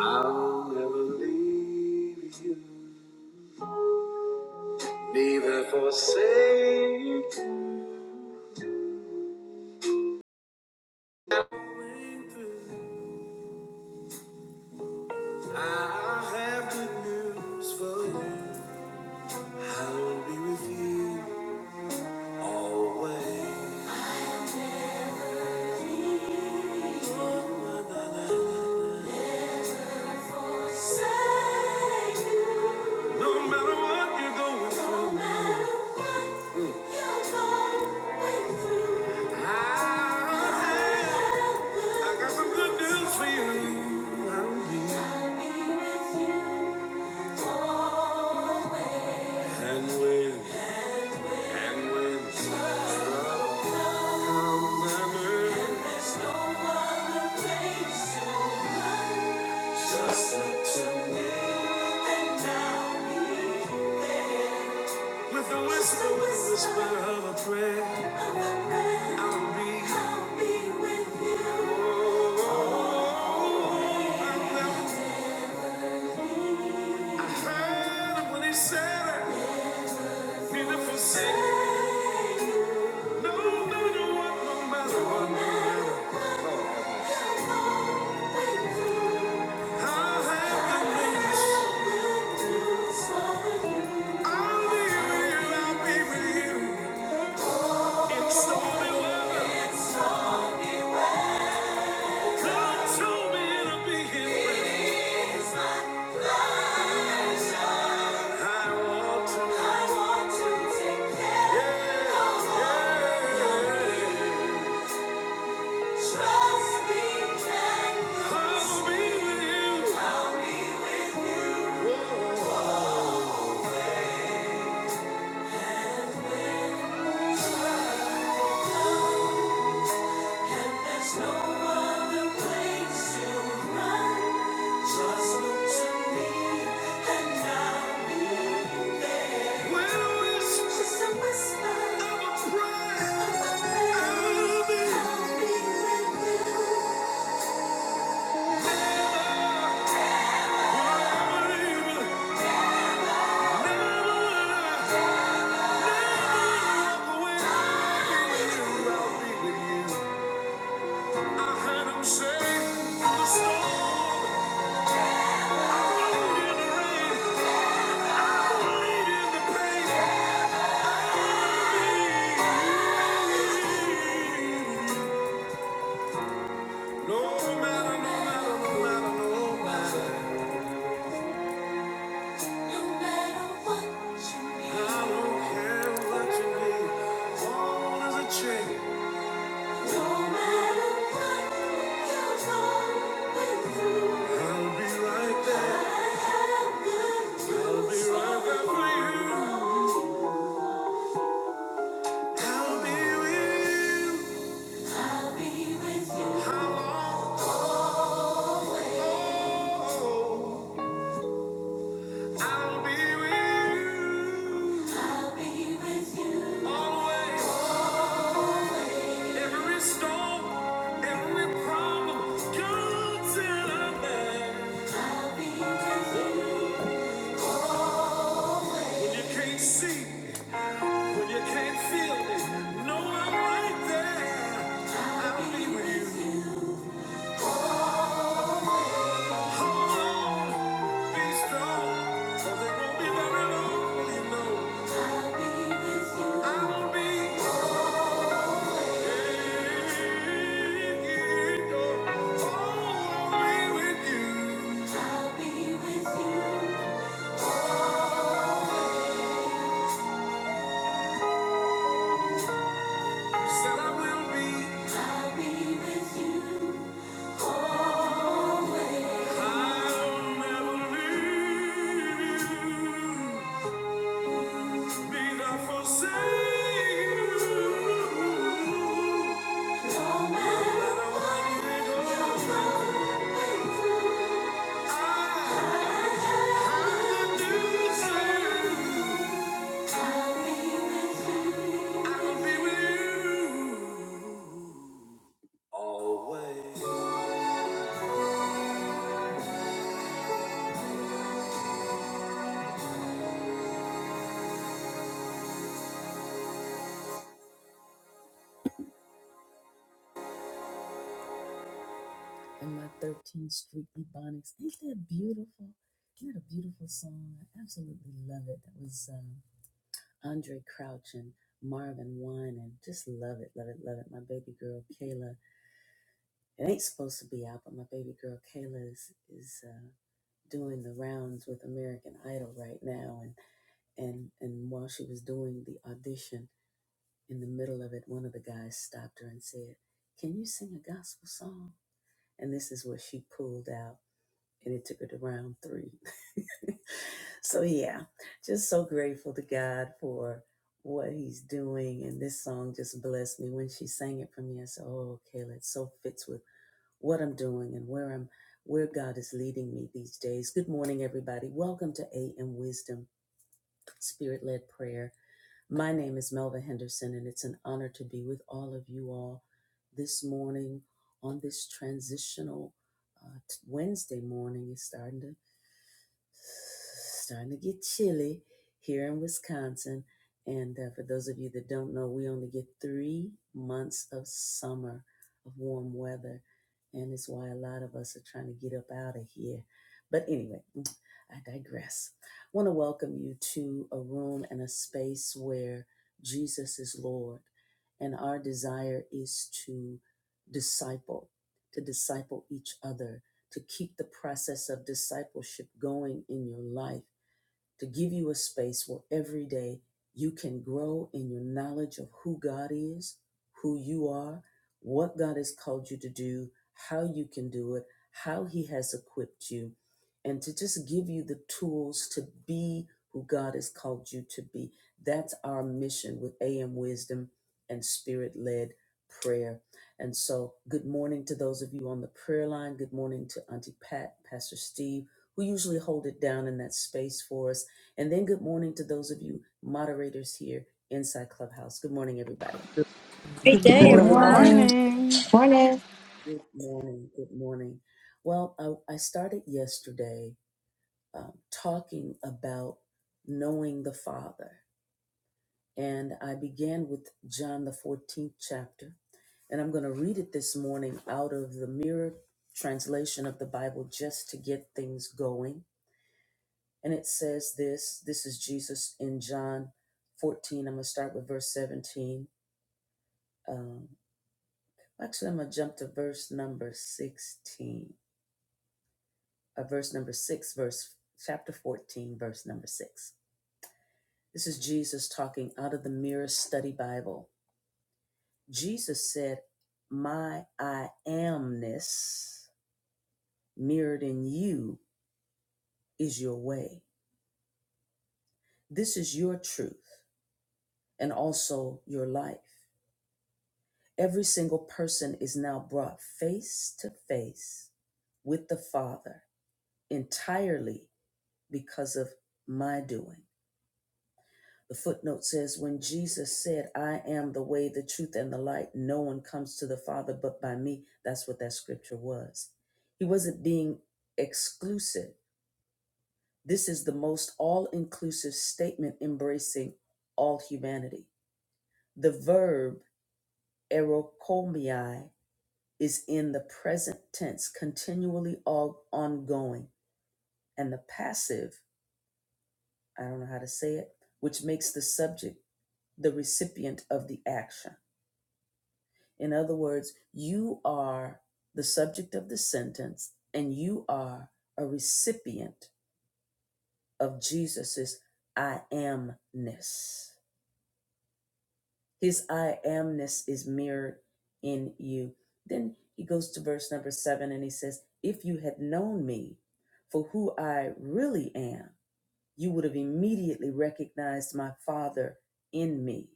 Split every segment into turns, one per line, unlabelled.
I'll never leave you, neither forsake you. I have good news for you. I will be with you always. No matter what you're going through, No I got some good news for you. I'll be And when, and when trouble comes and earth just let him With the whisper, whisper of a prayer, I'll be. I'll be with you. Oh, I heard when he said, "Need to forsake no, no, no one, no matter what. no matter. I'll have the peace. I'll be with you. I'll be with you. It's the only love. God told me it'll be Him. I want to take care Yeah, of yeah. Trust me, I'll be with you. I'll be with you. Whoa. And there's no other place to run. Just look to me and I'll be there. Well, just a whisper of a prayer. Of a prayer. I'll be I'll be with you. Change. I'll be with you. Always. Every storm, every problem comes in a man. I'll be there. When you can't see, when you can't feel it, no, I'm right there. I'll I'll be be with you. you. Hold on, be strong, 'cause it won't be very long, you know. I'll be with you. I'll be I'll Thank you. i my 13th Street Ebonics. Ain't that beautiful? Isn't that a beautiful song? I absolutely love it. That was um, Andre Crouch and Marvin Wine, and just love it, love it, love it. My baby girl Kayla. It ain't supposed to be out, but my baby girl Kayla is is uh, doing the rounds with American Idol right now, and and and while she was doing the audition. In the middle of it, one of the guys stopped her and said, Can you sing a gospel song? And this is what she pulled out, and it took her to round three. so, yeah, just so grateful to God for what he's doing. And this song just blessed me. When she sang it for me, I said, Oh, Kayla, it so fits with what I'm doing and where I'm where God is leading me these days. Good morning, everybody. Welcome to AM Wisdom, Spirit Led Prayer. My name is Melva Henderson, and it's an honor to be with all of you all this morning on this transitional uh, t- Wednesday morning. It's starting to starting to get chilly here in Wisconsin. And uh, for those of you that don't know, we only get three months of summer of warm weather. And it's why a lot of us are trying to get up out of here. But anyway, I digress. I want to welcome you to a room and a space where Jesus is Lord. And our desire is to disciple, to disciple each other to keep the process of discipleship going in your life to give you a space where every day you can grow in your knowledge of who God is, who you are, what God has called you to do, how you can do it, how He has equipped you, and to just give you the tools to be who God has called you to be. That's our mission with AM Wisdom and Spirit led prayer. And so, good morning to those of you on the prayer line. Good morning to Auntie Pat, Pastor Steve, who usually hold it down in that space for us and then good morning to those of you moderators here inside Clubhouse. Good morning, everybody.
Great
Good
Good
good
day,
Good
morning.
Good
morning.
morning.
everyone.
morning
morning.
Morning.
Good morning. Good morning. Well, I, I started yesterday um, talking about knowing the Father, and I began with John, the 14th chapter. And I'm going to read it this morning out of the mirror translation of the Bible just to get things going. And it says this this is Jesus in John 14. I'm going to start with verse 17. Um, Actually, I'm gonna jump to verse number 16, uh, verse number six, verse chapter 14, verse number six. This is Jesus talking out of the Mirror Study Bible. Jesus said, My I amness mirrored in you is your way. This is your truth and also your life. Every single person is now brought face to face with the Father entirely because of my doing. The footnote says, When Jesus said, I am the way, the truth, and the light, no one comes to the Father but by me, that's what that scripture was. He wasn't being exclusive. This is the most all inclusive statement embracing all humanity. The verb erokomiai is in the present tense, continually all ongoing, and the passive, I don't know how to say it, which makes the subject the recipient of the action. In other words, you are the subject of the sentence and you are a recipient of Jesus's I amness. His I amness is mirrored in you. Then he goes to verse number seven and he says, If you had known me for who I really am, you would have immediately recognized my Father in me.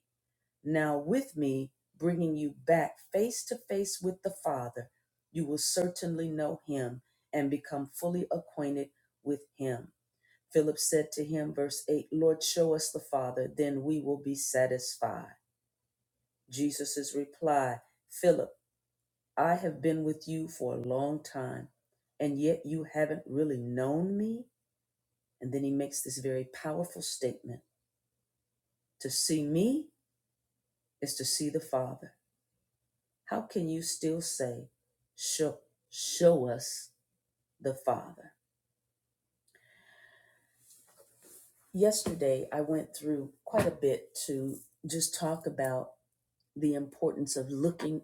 Now, with me bringing you back face to face with the Father, you will certainly know him and become fully acquainted with him. Philip said to him, verse 8, Lord, show us the Father, then we will be satisfied. Jesus' reply, Philip, I have been with you for a long time, and yet you haven't really known me. And then he makes this very powerful statement To see me is to see the Father. How can you still say, show, show us the Father? Yesterday, I went through quite a bit to just talk about the importance of looking,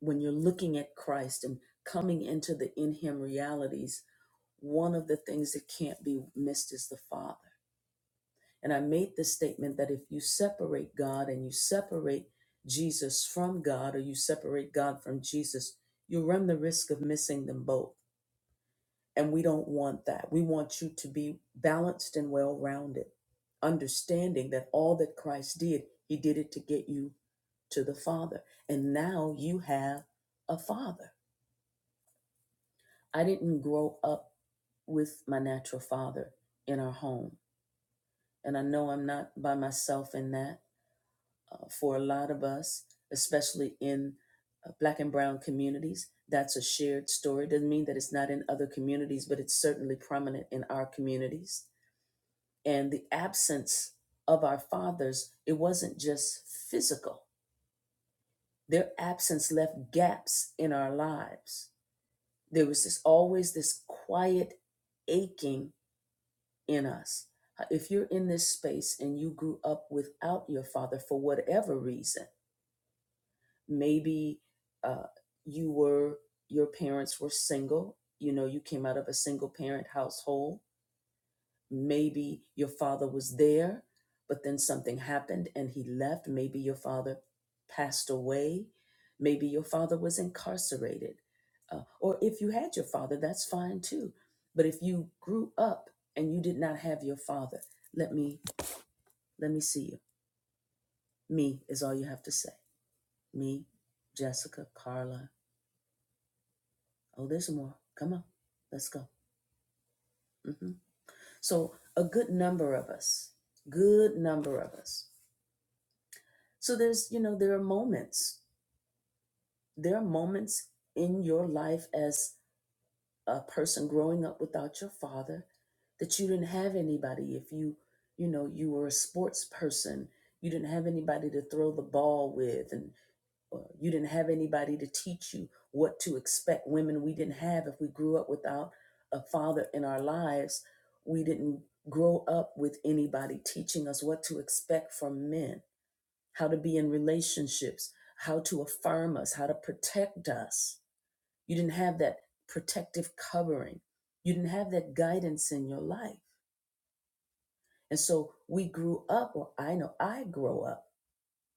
when you're looking at Christ and coming into the in Him realities, one of the things that can't be missed is the Father. And I made the statement that if you separate God and you separate Jesus from God, or you separate God from Jesus, you run the risk of missing them both And we don't want that. We want you to be balanced and well rounded, understanding that all that Christ did, he did it to get you to the Father. And now you have a Father. I didn't grow up with my natural father in our home. And I know I'm not by myself in that. Uh, for a lot of us, especially in uh, Black and Brown communities, that's a shared story. Doesn't mean that it's not in other communities, but it's certainly prominent in our communities and the absence of our fathers, it wasn't just physical. Their absence left gaps in our lives. There was this always this quiet aching in us. If you're in this space and you grew up without your father for whatever reason, maybe uh, you were your parents were single. You know, you came out of a single parent household Maybe your father was there, but then something happened and he left. Maybe your father passed away. Maybe your father was incarcerated. Uh, or if you had your father, that's fine too. But if you grew up and you did not have your father, let me let me see you. Me is all you have to say. Me, Jessica, Carla. Oh, there's more. Come on, let's go. hmm So a good number of us, good number of us So there's, you know, there are moments. There are moments in your life as a person growing up without your father that you didn't have anybody. If you, you know, you were a sports person, you didn't have anybody to throw the ball with, and uh, you didn't have anybody to teach you what to expect. Women, we didn't have, if we grew up without a father in our lives, we didn't grow up with anybody teaching us what to expect from men how to be in relationships, how to affirm us, how to protect us. You didn't have that protective covering. You didn't have that guidance in your life. And so we grew up, or I know I grew up,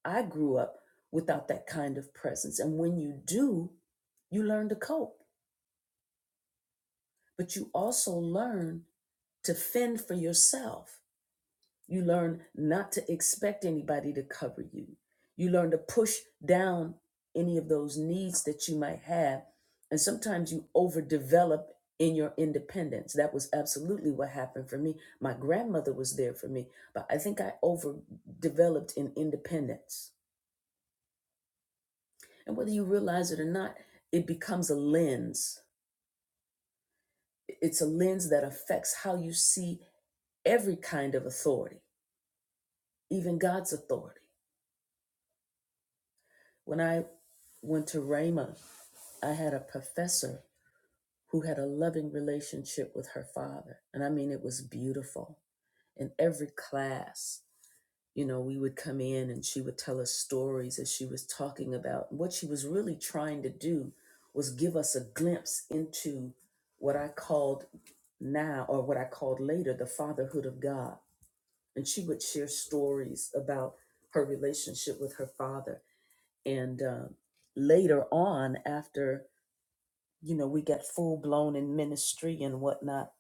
I grew up without that kind of presence. And when you do, you learn to cope, but you also learn to fend for yourself You learn not to expect anybody to cover you. You learn to push down any of those needs that you might have. And sometimes you overdevelop in your independence. That was absolutely what happened for me. My grandmother was there for me, but I think I overdeveloped in independence. And whether you realize it or not, it becomes a lens. It's a lens that affects how you see every kind of authority, even God's authority. When I went to Rhema, I had a professor who had a loving relationship with her father. And I mean, it was beautiful. In every class, you know, we would come in and she would tell us stories as she was talking about what she was really trying to do was give us a glimpse into what I called now or what I called later the fatherhood of God. And she would share stories about her relationship with her father and uh, later on after you know we got full blown in ministry and whatnot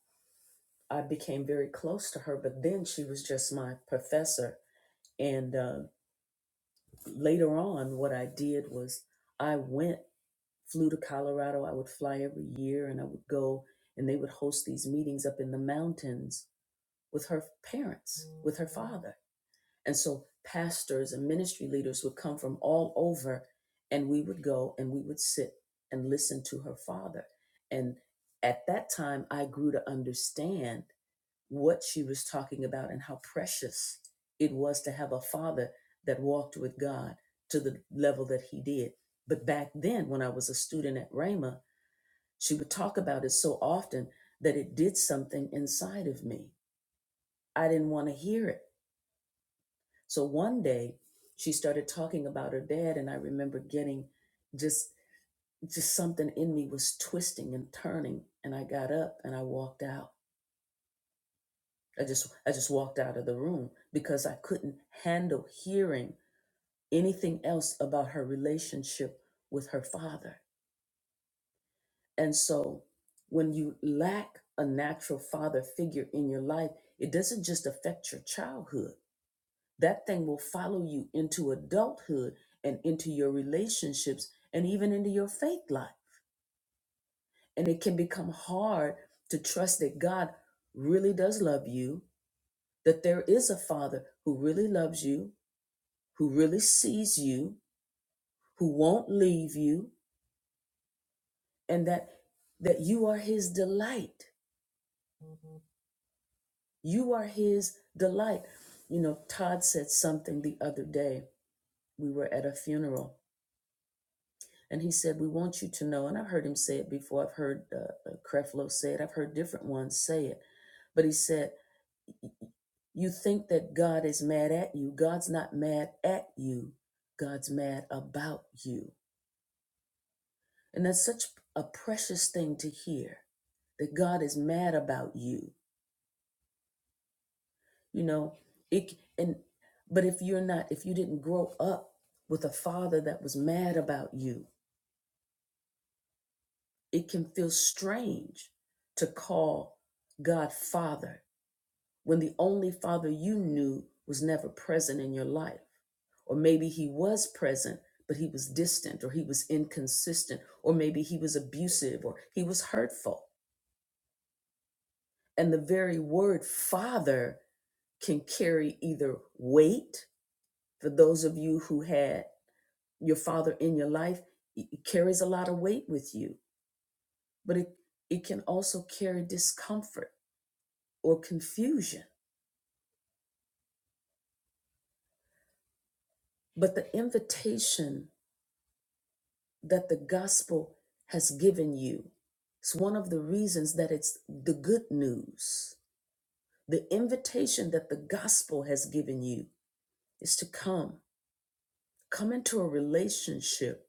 i became very close to her but then she was just my professor and uh, later on what i did was i went flew to colorado i would fly every year and i would go and they would host these meetings up in the mountains with her parents with her father And so pastors and ministry leaders would come from all over, and we would go and we would sit and listen to her father. And at that time, I grew to understand what she was talking about and how precious it was to have a father that walked with God to the level that he did. But back then, when I was a student at Rhema, she would talk about it so often that it did something inside of me. I didn't want to hear it so one day she started talking about her dad, and I remember getting just just something in me was twisting and turning, and I got up and I walked out. I just I just walked out of the room because I couldn't handle hearing anything else about her relationship with her father. And so when you lack a natural father figure in your life, it doesn't just affect your childhood that thing will follow you into adulthood and into your relationships and even into your faith life. And it can become hard to trust that God really does love you, that there is a Father who really loves you, who really sees you, who won't leave you, and that that you are his delight. You are his delight. You know, Todd said something the other day. We were at a funeral And he said, We want you to know. And I've heard him say it before. I've heard uh, uh, Creflo say it. I've heard different ones say it. But he said, You think that God is mad at you. God's not mad at you, God's mad about you. And that's such a precious thing to hear that God is mad about you. You know, it and but if you're not, if you didn't grow up with a father that was mad about you, it can feel strange to call God Father when the only father you knew was never present in your life. Or maybe he was present, but he was distant, or he was inconsistent, or maybe he was abusive, or he was hurtful. And the very word father can carry either weight, for those of you who had your father in your life, it it carries a lot of weight with you, but it, it can also carry discomfort or confusion. But the invitation that the gospel has given you. It's one of the reasons that it's the good news. The invitation that the gospel has given you is to come, come into a relationship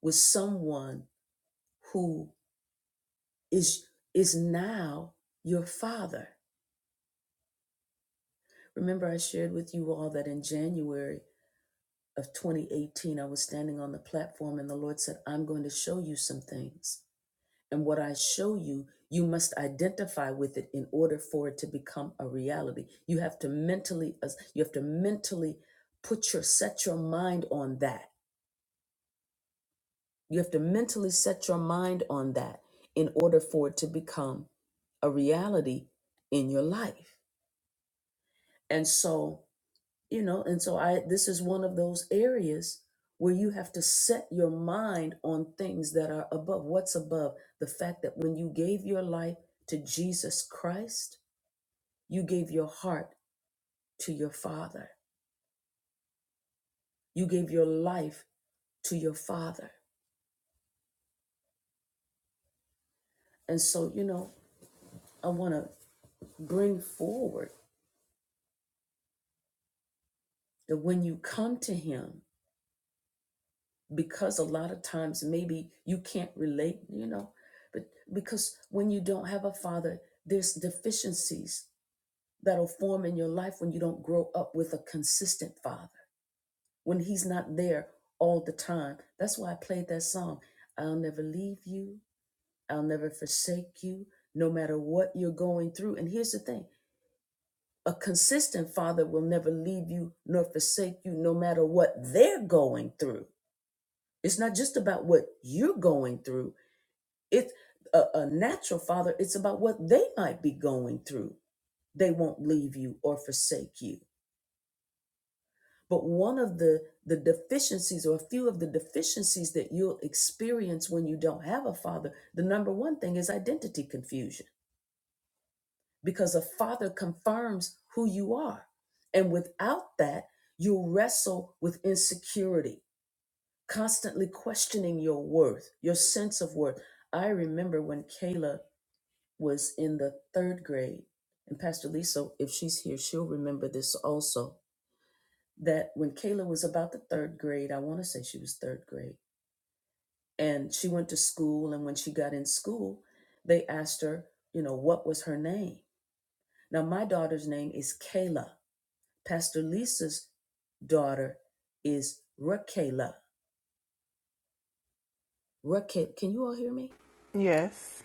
with someone who is is now your father. Remember I shared with you all that in January of 2018 I was standing on the platform and the Lord said, "I'm going to show you some things." And what I show you, you must identify with it in order for it to become a reality. You have to mentally, uh, you have to mentally put your, set your mind on that. You have to mentally set your mind on that in order for it to become a reality in your life. And so you know and so i this is one of those areas where you have to set your mind on things that are above what's above the fact that when you gave your life to jesus christ you gave your heart to your father you gave your life to your father and so you know i want to bring forward that when you come to him because a lot of times maybe you can't relate, you know, but because when you don't have a father, there's deficiencies that'll form in your life when you don't grow up with a consistent father, when he's not there all the time. That's why I played that song. I'll never leave you. I'll never forsake you, no matter what you're going through. And here's the thing a consistent father will never leave you nor forsake you, no matter what they're going through. It's not just about what you're going through, It's a, a natural father, it's about what they might be going through. They won't leave you or forsake you. But one of the, the deficiencies, or a few of the deficiencies that you'll experience when you don't have a father, the number one thing is identity confusion because a father confirms who you are. And without that, you'll wrestle with insecurity, constantly questioning your worth, your sense of worth. I remember when Kayla was in the third grade. And Pastor Lisa, if she's here, she'll remember this also. That when Kayla was about the third grade, I want to say she was third grade, and she went to school. And when she got in school, they asked her, you know, what was her name? Now, my daughter's name is Kayla. Pastor Lisa's daughter is Rakela. Raquel, can you all hear me?
Yes.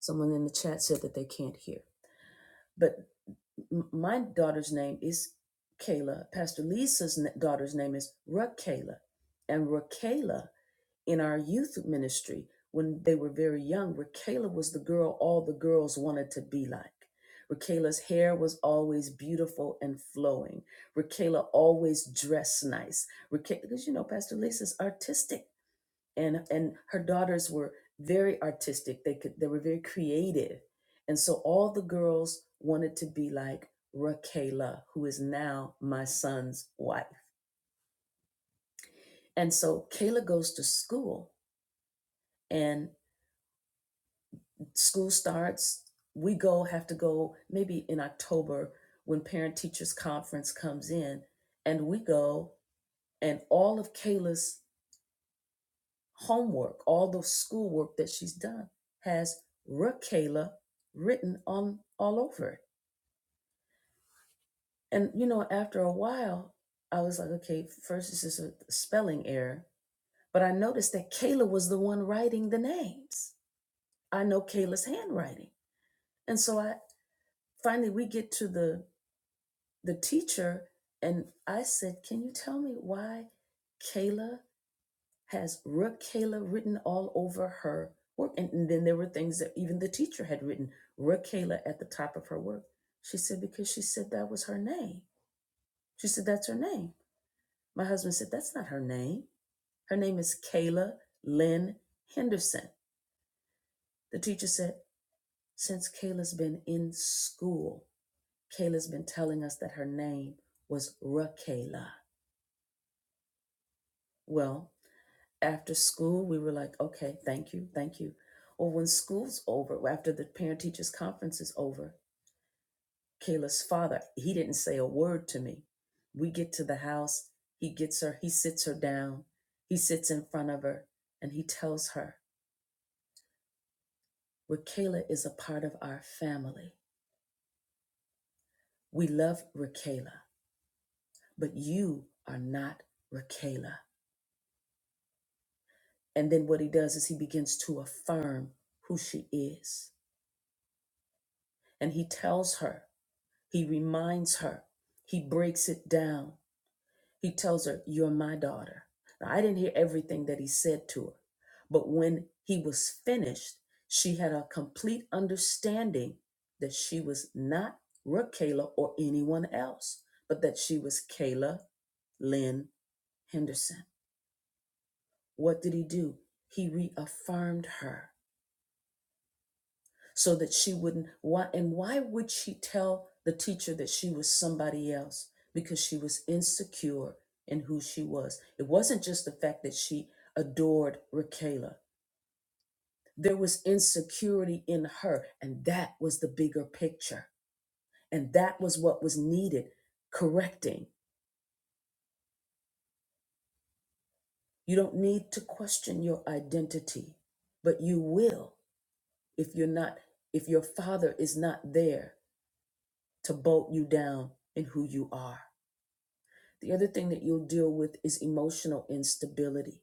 Someone in the chat said that they can't hear. But M- my daughter's name is Kayla. Pastor Lisa's n- daughter's name is Rakayla. And Rakayla, in our youth ministry, when they were very young, Rakayla was the girl all the girls wanted to be like. Rakayla's hair was always beautiful and flowing. Rakayla always dressed nice. Rakayla, because you know, Pastor Lisa's artistic and and her daughters were very artistic they could they were very creative and so all the girls wanted to be like Rakayla who is now my son's wife and so Kayla goes to school and school starts we go have to go maybe in October when parent teachers conference comes in and we go and all of Kayla's homework, all the schoolwork that she's done has Rakayla written on all over it. And you know, after a while, I was like, okay, first this is a spelling error, but I noticed that Kayla was the one writing the names. I know Kayla's handwriting, and so I finally we get to the the teacher, and I said, can you tell me why Kayla? has Rakela written all over her work. And, and then there were things that even the teacher had written Rakela at the top of her work. She said, because she said that was her name. She said, that's her name. My husband said, that's not her name. Her name is Kayla Lynn Henderson. The teacher said, since Kayla's been in school, Kayla's been telling us that her name was Rakela. Well, after school, we were like, okay, thank you, thank you. Or when school's over, after the parent teachers conference is over, Kayla's father, he didn't say a word to me. We get to the house, he gets her, he sits her down, he sits in front of her, and he tells her, Rakayla is a part of our family. We love Rakayla, but you are not Rakayla. And then what he does is he begins to affirm who she is. And he tells her He reminds her. He breaks it down. He tells her, You're my daughter. Now, I didn't hear everything that he said to her, but when he was finished, she had a complete understanding that she was not Rakayla or anyone else, but that she was Kayla Lynn Henderson. What did he do? He reaffirmed her. so that she wouldn't why and why would she tell the teacher that she was somebody else because she was insecure in who she was it wasn't just the fact that she adored Rakela there was insecurity in her and that was the bigger picture and that was what was needed correcting you don't need to question your identity but you will if you're not if your father is not there to bolt you down in who you are The other thing that you'll deal with is emotional instability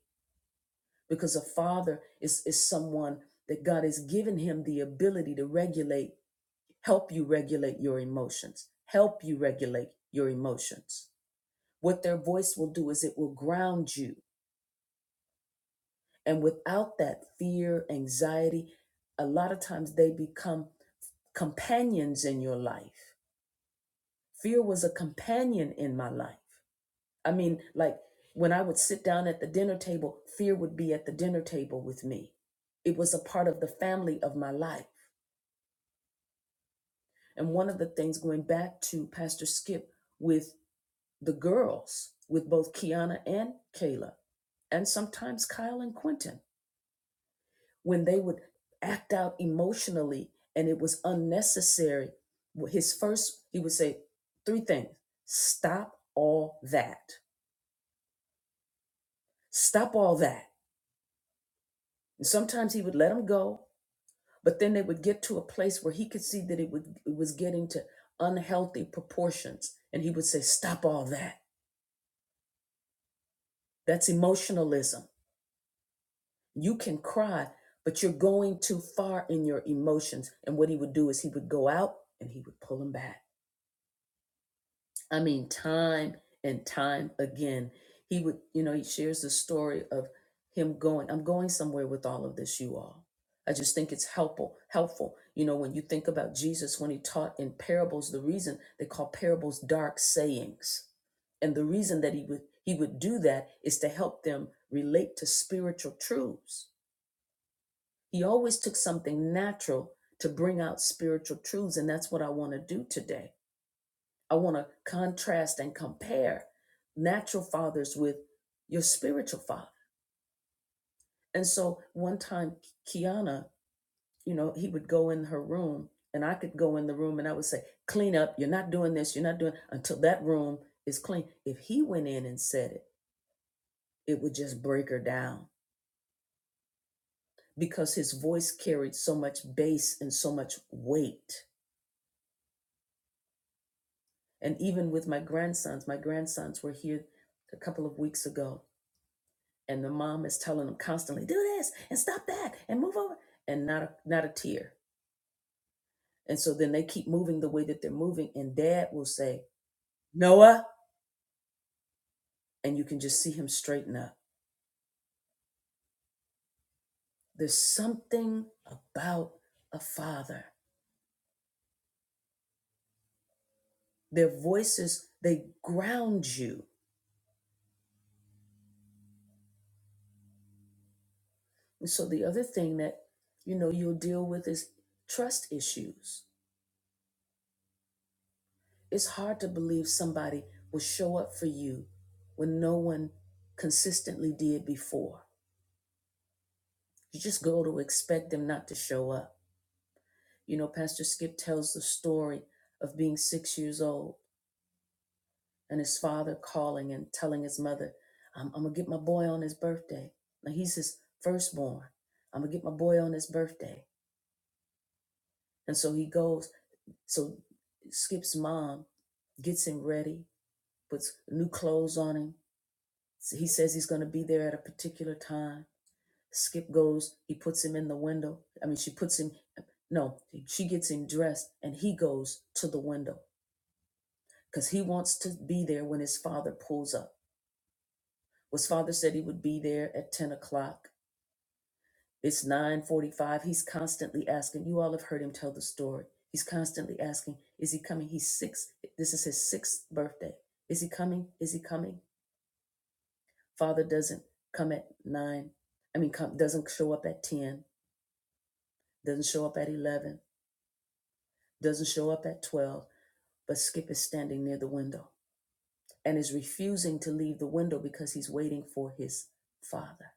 because a father is, is someone that God has given him the ability to regulate, help you regulate your emotions, help you regulate your emotions. What their voice will do is it will ground you. And without that fear, anxiety, a lot of times they become companions in your life. Fear was a companion in my life. I mean, like when I would sit down at the dinner table, fear would be at the dinner table with me. It was a part of the family of my life. And one of the things going back to Pastor Skip with the girls, with both Kiana and Kayla, and sometimes Kyle and Quentin, when they would act out emotionally and it was unnecessary, his first, he would say three things stop all that, stop all that. And sometimes he would let them go but then they would get to a place where he could see that it, would, it was getting to unhealthy proportions and he would say stop all that that's emotionalism you can cry but you're going too far in your emotions and what he would do is he would go out and he would pull them back I mean, time and time again, he would, you know, he shares the story of him going. I'm going somewhere with all of this, you all. I just think it's helpful, helpful. You know, when you think about Jesus, when he taught in parables, the reason they call parables dark sayings, and the reason that he would he would do that is to help them relate to spiritual truths. He always took something natural to bring out spiritual truths, and that's what I want to do today I want to contrast and compare natural fathers with your spiritual father. And so one time, Kiana, you know, he would go in her room and I could go in the room and I would say, clean up. You're not doing this. You're not doing until that room is clean. If he went in and said it, it would just break her down because his voice carried so much bass and so much weight. And even with my grandsons, my grandsons were here a couple of weeks ago and the mom is telling them constantly do this and stop that and move over and not a, not a tear and so then they keep moving the way that they're moving and dad will say noah and you can just see him straighten up there's something about a father their voices they ground you and so the other thing that you know you'll deal with is trust issues it's hard to believe somebody will show up for you when no one consistently did before You just go to expect them not to show up. You know, Pastor Skip tells the story of being six years old and his father calling and telling his mother, I'm, I'm going to get my boy on his birthday. Now, he's his firstborn. I'm going to get my boy on his birthday. And so he goes. So Skip's mom gets him ready, puts new clothes on him. He says he's going to be there at a particular time. Skip goes, he puts him in the window. I mean, she puts him, no, she gets him dressed and he goes to the window because he wants to be there when his father pulls up. His father said he would be there at 10 o'clock. It's 9:45. He's constantly asking. You all have heard him tell the story. He's constantly asking, is he coming? He's six. This is his sixth birthday. Is he coming? Is he coming? Father doesn't come at nine. I mean, come, doesn't show up at 10, doesn't show up at 11 doesn't show up at 12, but Skip is standing near the window and is refusing to leave the window because he's waiting for his father.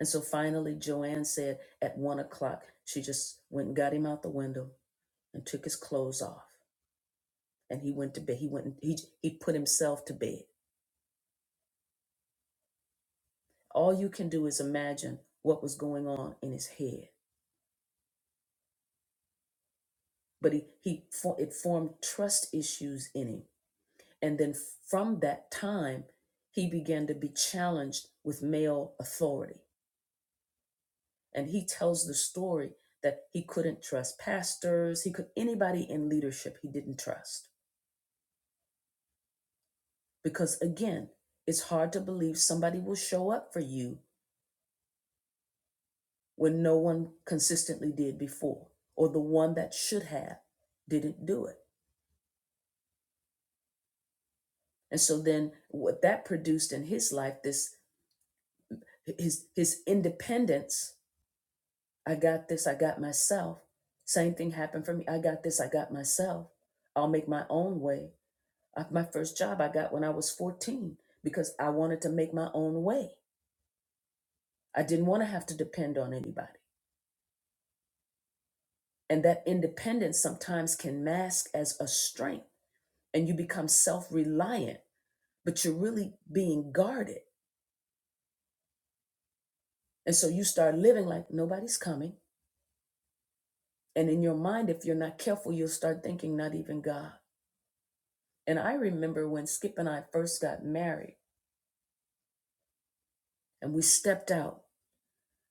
And so finally, Joanne said at one o'clock, she just went and got him out the window and took his clothes off. And he went to bed. He went, and- he, he put himself to bed. All you can do is imagine what was going on in his head. But he, he, for- it formed trust issues in him And then from that time, he began to be challenged with male authority. And he tells the story that he couldn't trust pastors, he could anybody in leadership he didn't trust. Because again, it's hard to believe somebody will show up for you when no one consistently did before, or the one that should have didn't do it. And so then what that produced in his life, this his his independence I got this, I got myself. Same thing happened for me. I got this, I got myself. I'll make my own way. Uh, My first job I got when I was 14 because I wanted to make my own way. I didn't want to have to depend on anybody. And that independence sometimes can mask as a strength and you become self reliant, but you're really being guarded. And so you start living like nobody's coming. And in your mind, if you're not careful, you'll start thinking, not even God. And I remember when Skip and I first got married and we stepped out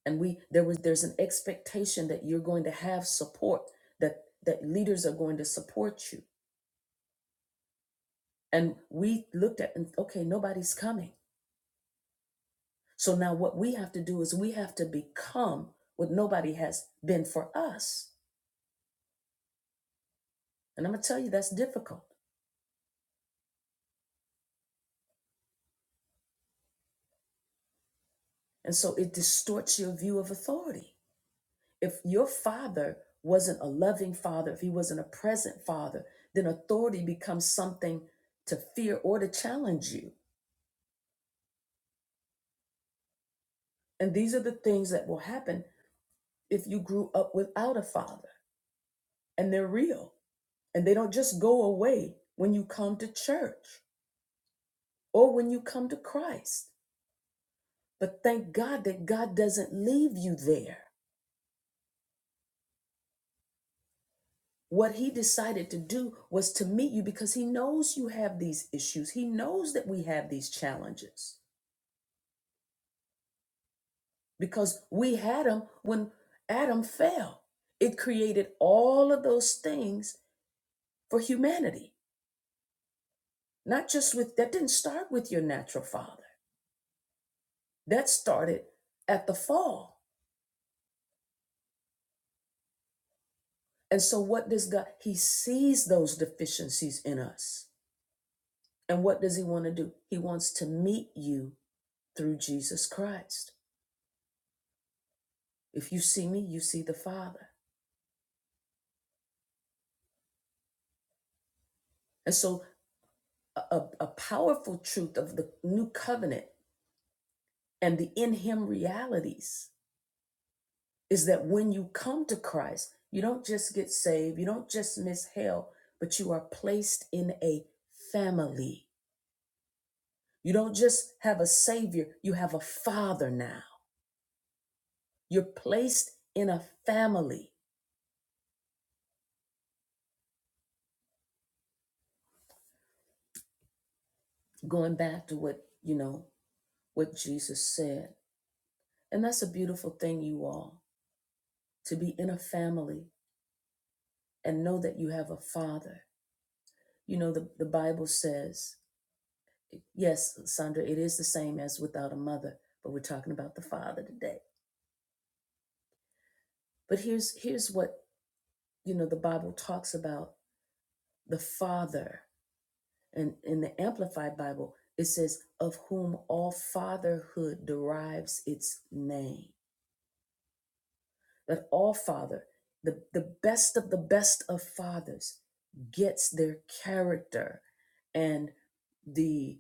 and we there was there's an expectation that you're going to have support that that leaders are going to support you and we looked at and okay nobody's coming so now what we have to do is we have to become what nobody has been for us and i'm going to tell you that's difficult and so it distorts your view of authority if your father wasn't a loving father if he wasn't a present father then authority becomes something to fear or to challenge you And these are the things that will happen if you grew up without a father. And they're real. And they don't just go away when you come to church or when you come to Christ. But thank God that God doesn't leave you there. What he decided to do was to meet you because he knows you have these issues. He knows that we have these challenges because we had them when Adam fell. It created all of those things for humanity. Not just with that didn't start with your natural father. That started at the fall. And so what does God he sees those deficiencies in us. And what does he want to do? He wants to meet you through Jesus Christ. If you see me, you see the Father. And so a, a powerful truth of the new covenant and the in him realities is that when you come to Christ, you don't just get saved, you don't just miss hell, but you are placed in a family. You don't just have a savior, you have a father now. You're placed in a family. Going back to what, you know, what Jesus said. And that's a beautiful thing, you all, to be in a family and know that you have a father. You know, the, the Bible says, yes, Sandra, it is the same as without a mother, but we're talking about the father today But here's here's what you know the Bible talks about the Father, and in the Amplified Bible it says of whom all fatherhood derives its name. That all father, the, the best of the best of fathers, gets their character and the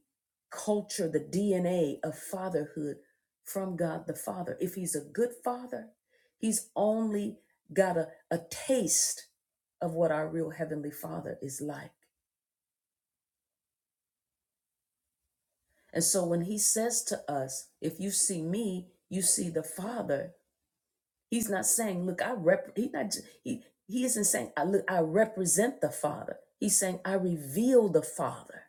culture, the DNA of fatherhood from God the Father. If he's a good father, he's only got a, a taste of what our real Heavenly Father is like. And so when he says to us, if you see me, you see the Father, He's not saying, look, I rep he's not he he isn't saying I look I represent the Father. He's saying I reveal the Father.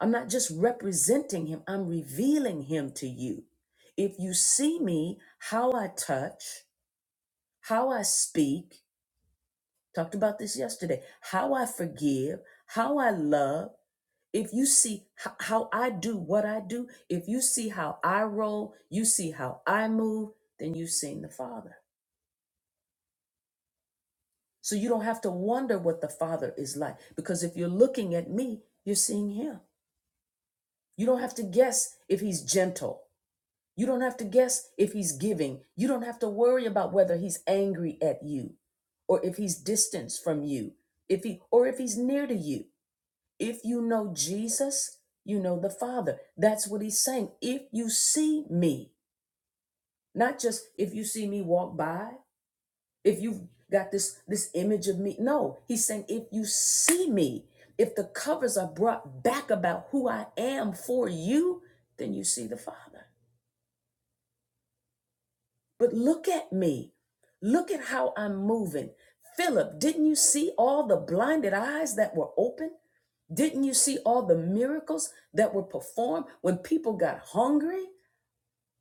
I'm not just representing him, I'm revealing him to you. If you see me, how I touch, how I speak, talked about this yesterday, how I forgive, how I love, if you see h- how I do what I do, if you see how I roll, you see how I move, then you've seen the Father. So you don't have to wonder what the Father is like because if you're looking at me, you're seeing Him. You don't have to guess if He's gentle. You don't have to guess if He's giving. You don't have to worry about whether He's angry at you or if He's distanced from you, if He or if He's near to you. If you know Jesus, you know the Father. That's what He's saying. If you see me, not just if you see me walk by if you've got this this image of me no he's saying if you see me if the covers are brought back about who i am for you then you see the father but look at me look at how i'm moving philip didn't you see all the blinded eyes that were open didn't you see all the miracles that were performed when people got hungry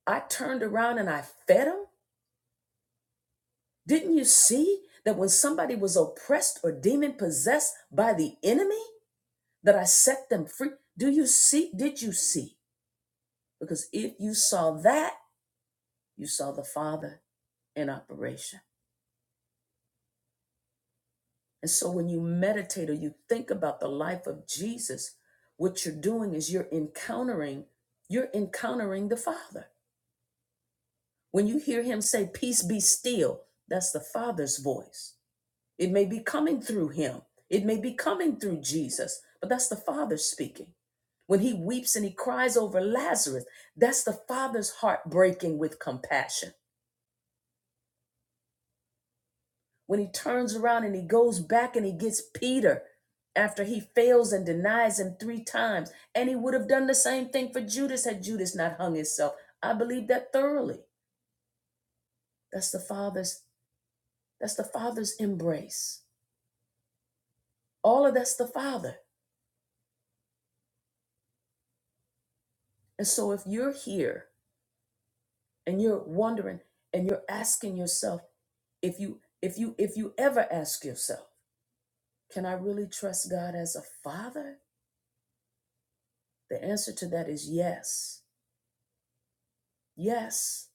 i turned around and i fed them didn't you see that when somebody was oppressed or demon possessed by the enemy that I set them free. Do you see? Did you see? Because if you saw that, you saw the Father in operation. And so when you meditate or you think about the life of Jesus, what you're doing is you're encountering, you're encountering the Father. When you hear him say, Peace be still, that's the Father's voice. It may be coming through him. It may be coming through Jesus, but that's the Father speaking. When he weeps and he cries over Lazarus, that's the Father's heart breaking with compassion. When he turns around and he goes back and he gets Peter after he fails and denies him three times, and he would have done the same thing for Judas had Judas not hung himself. I believe that thoroughly. That's the Father's that's the Father's embrace. All of that's the Father. And so if you're here and you're wondering and you're asking yourself if you if you if you ever ask yourself can i really trust god as a father the answer to that is yes yes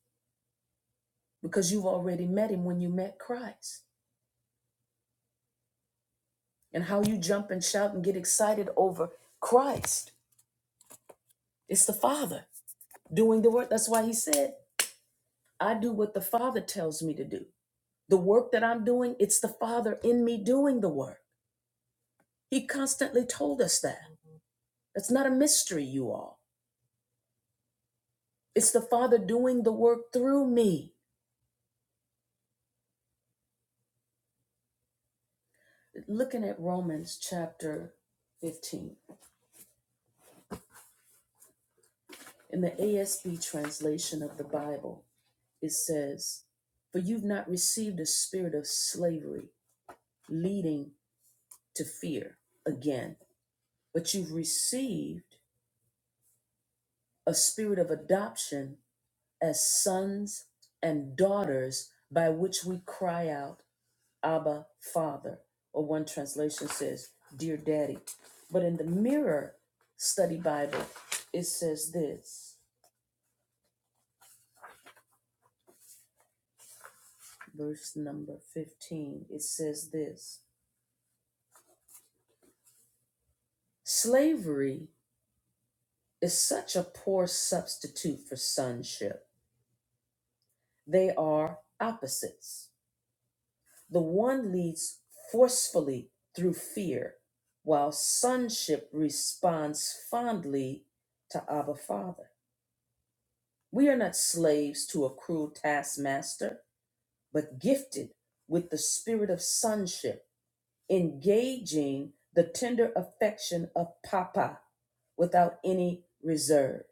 because you've already met him when you met christ and how you jump and shout and get excited over christ it's the father doing the work that's why he said i do what the father tells me to do the work that i'm doing it's the father in me doing the work he constantly told us that That's not a mystery, you all. It's the Father doing the work through me. Looking at Romans chapter 15, in the ASB translation of the Bible, it says, For you've not received a spirit of slavery leading to fear again, but you've received a spirit of adoption as sons and daughters by which we cry out, Abba, Father, or one translation says, Dear Daddy. But in the Mirror Study Bible, it says this, verse number 15, it says this Slavery is such a poor substitute for sonship. They are opposites. The one leads forcefully through fear, while sonship responds fondly to Abba Father. We are not slaves to a cruel taskmaster, but gifted with the spirit of sonship, engaging the tender affection of Papa without any reserve.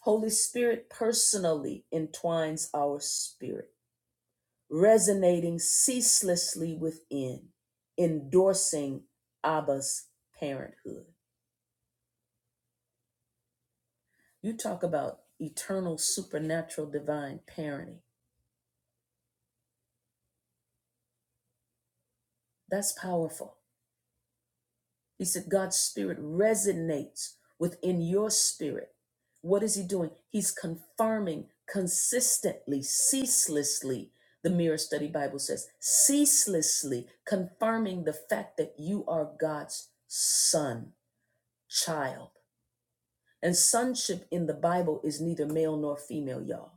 Holy Spirit personally entwines our spirit, resonating ceaselessly within, endorsing Abba's parenthood. You talk about eternal, supernatural, divine parenting. That's powerful. He said God's spirit resonates within your spirit. What is he doing? He's confirming consistently, ceaselessly. The Mirror Study Bible says, ceaselessly confirming the fact that you are God's son, child. And sonship in the Bible is neither male nor female, y'all.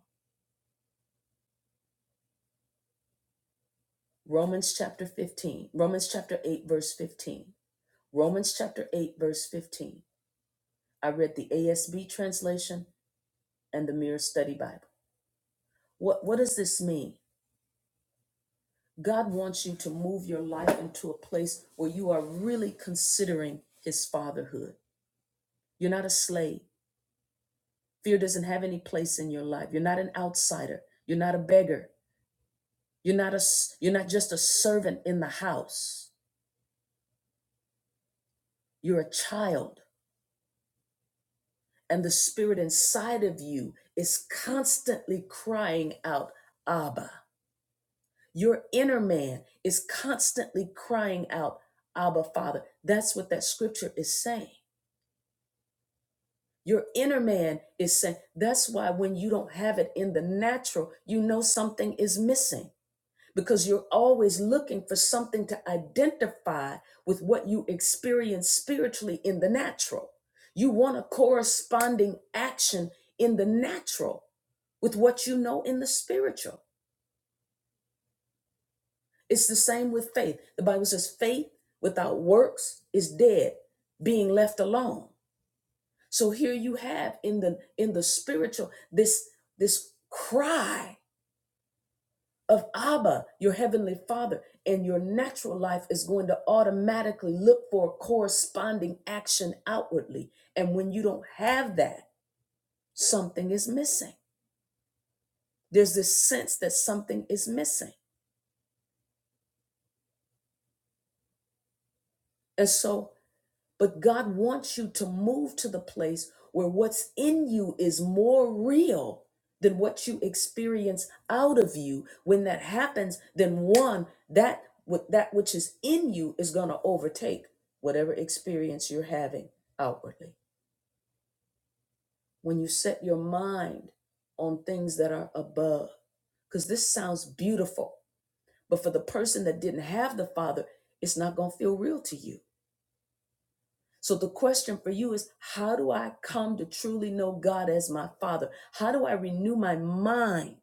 Romans chapter 15, Romans chapter 8, verse 15. Romans chapter 8, verse 15. I read the ASB translation. and the Mirror Study Bible. What, what does this mean? God wants you to move your life into a place where you are really considering His fatherhood. You're not a slave. Fear doesn't have any place in your life. You're not an outsider. You're not a beggar. You're not a. s- You're not just a servant in the house. You're a child, and the spirit inside of you is constantly crying out, "Abba." Your inner man is constantly crying out, Abba, Father. That's what that scripture is saying. Your inner man is saying, that's why when you don't have it in the natural, you know something is missing because you're always looking for something to identify with what you experience spiritually in the natural. You want a corresponding action in the natural with what you know in the spiritual. It's the same with faith. The Bible says faith without works is dead, being left alone. So here you have in the in the spiritual this this cry of Abba, your heavenly Father, and your natural life is going to automatically look for corresponding action outwardly. And when you don't have that, something is missing. There's this sense that something is missing. And so But God wants you to move to the place where what's in you is more real than what you experience out of you. When that happens, then one, that what that which is in you is going to overtake whatever experience you're having outwardly. When you set your mind on things that are above, because this sounds beautiful, but for the person that didn't have the Father, it's not going to feel real to you So the question for you is how do I come to truly know God as my father? How do I renew my mind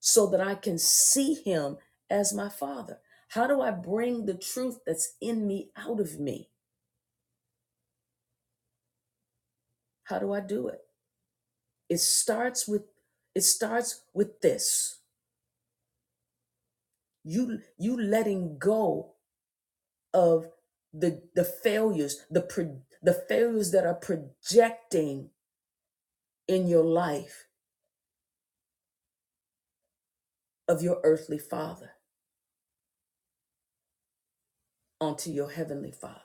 so that I can see him as my father? How do I bring the truth that's in me out of me? How do I do it? It starts with it starts with this. You you letting go of the the failures, the pro, the failures that are projecting in your life of your earthly father onto your heavenly Father.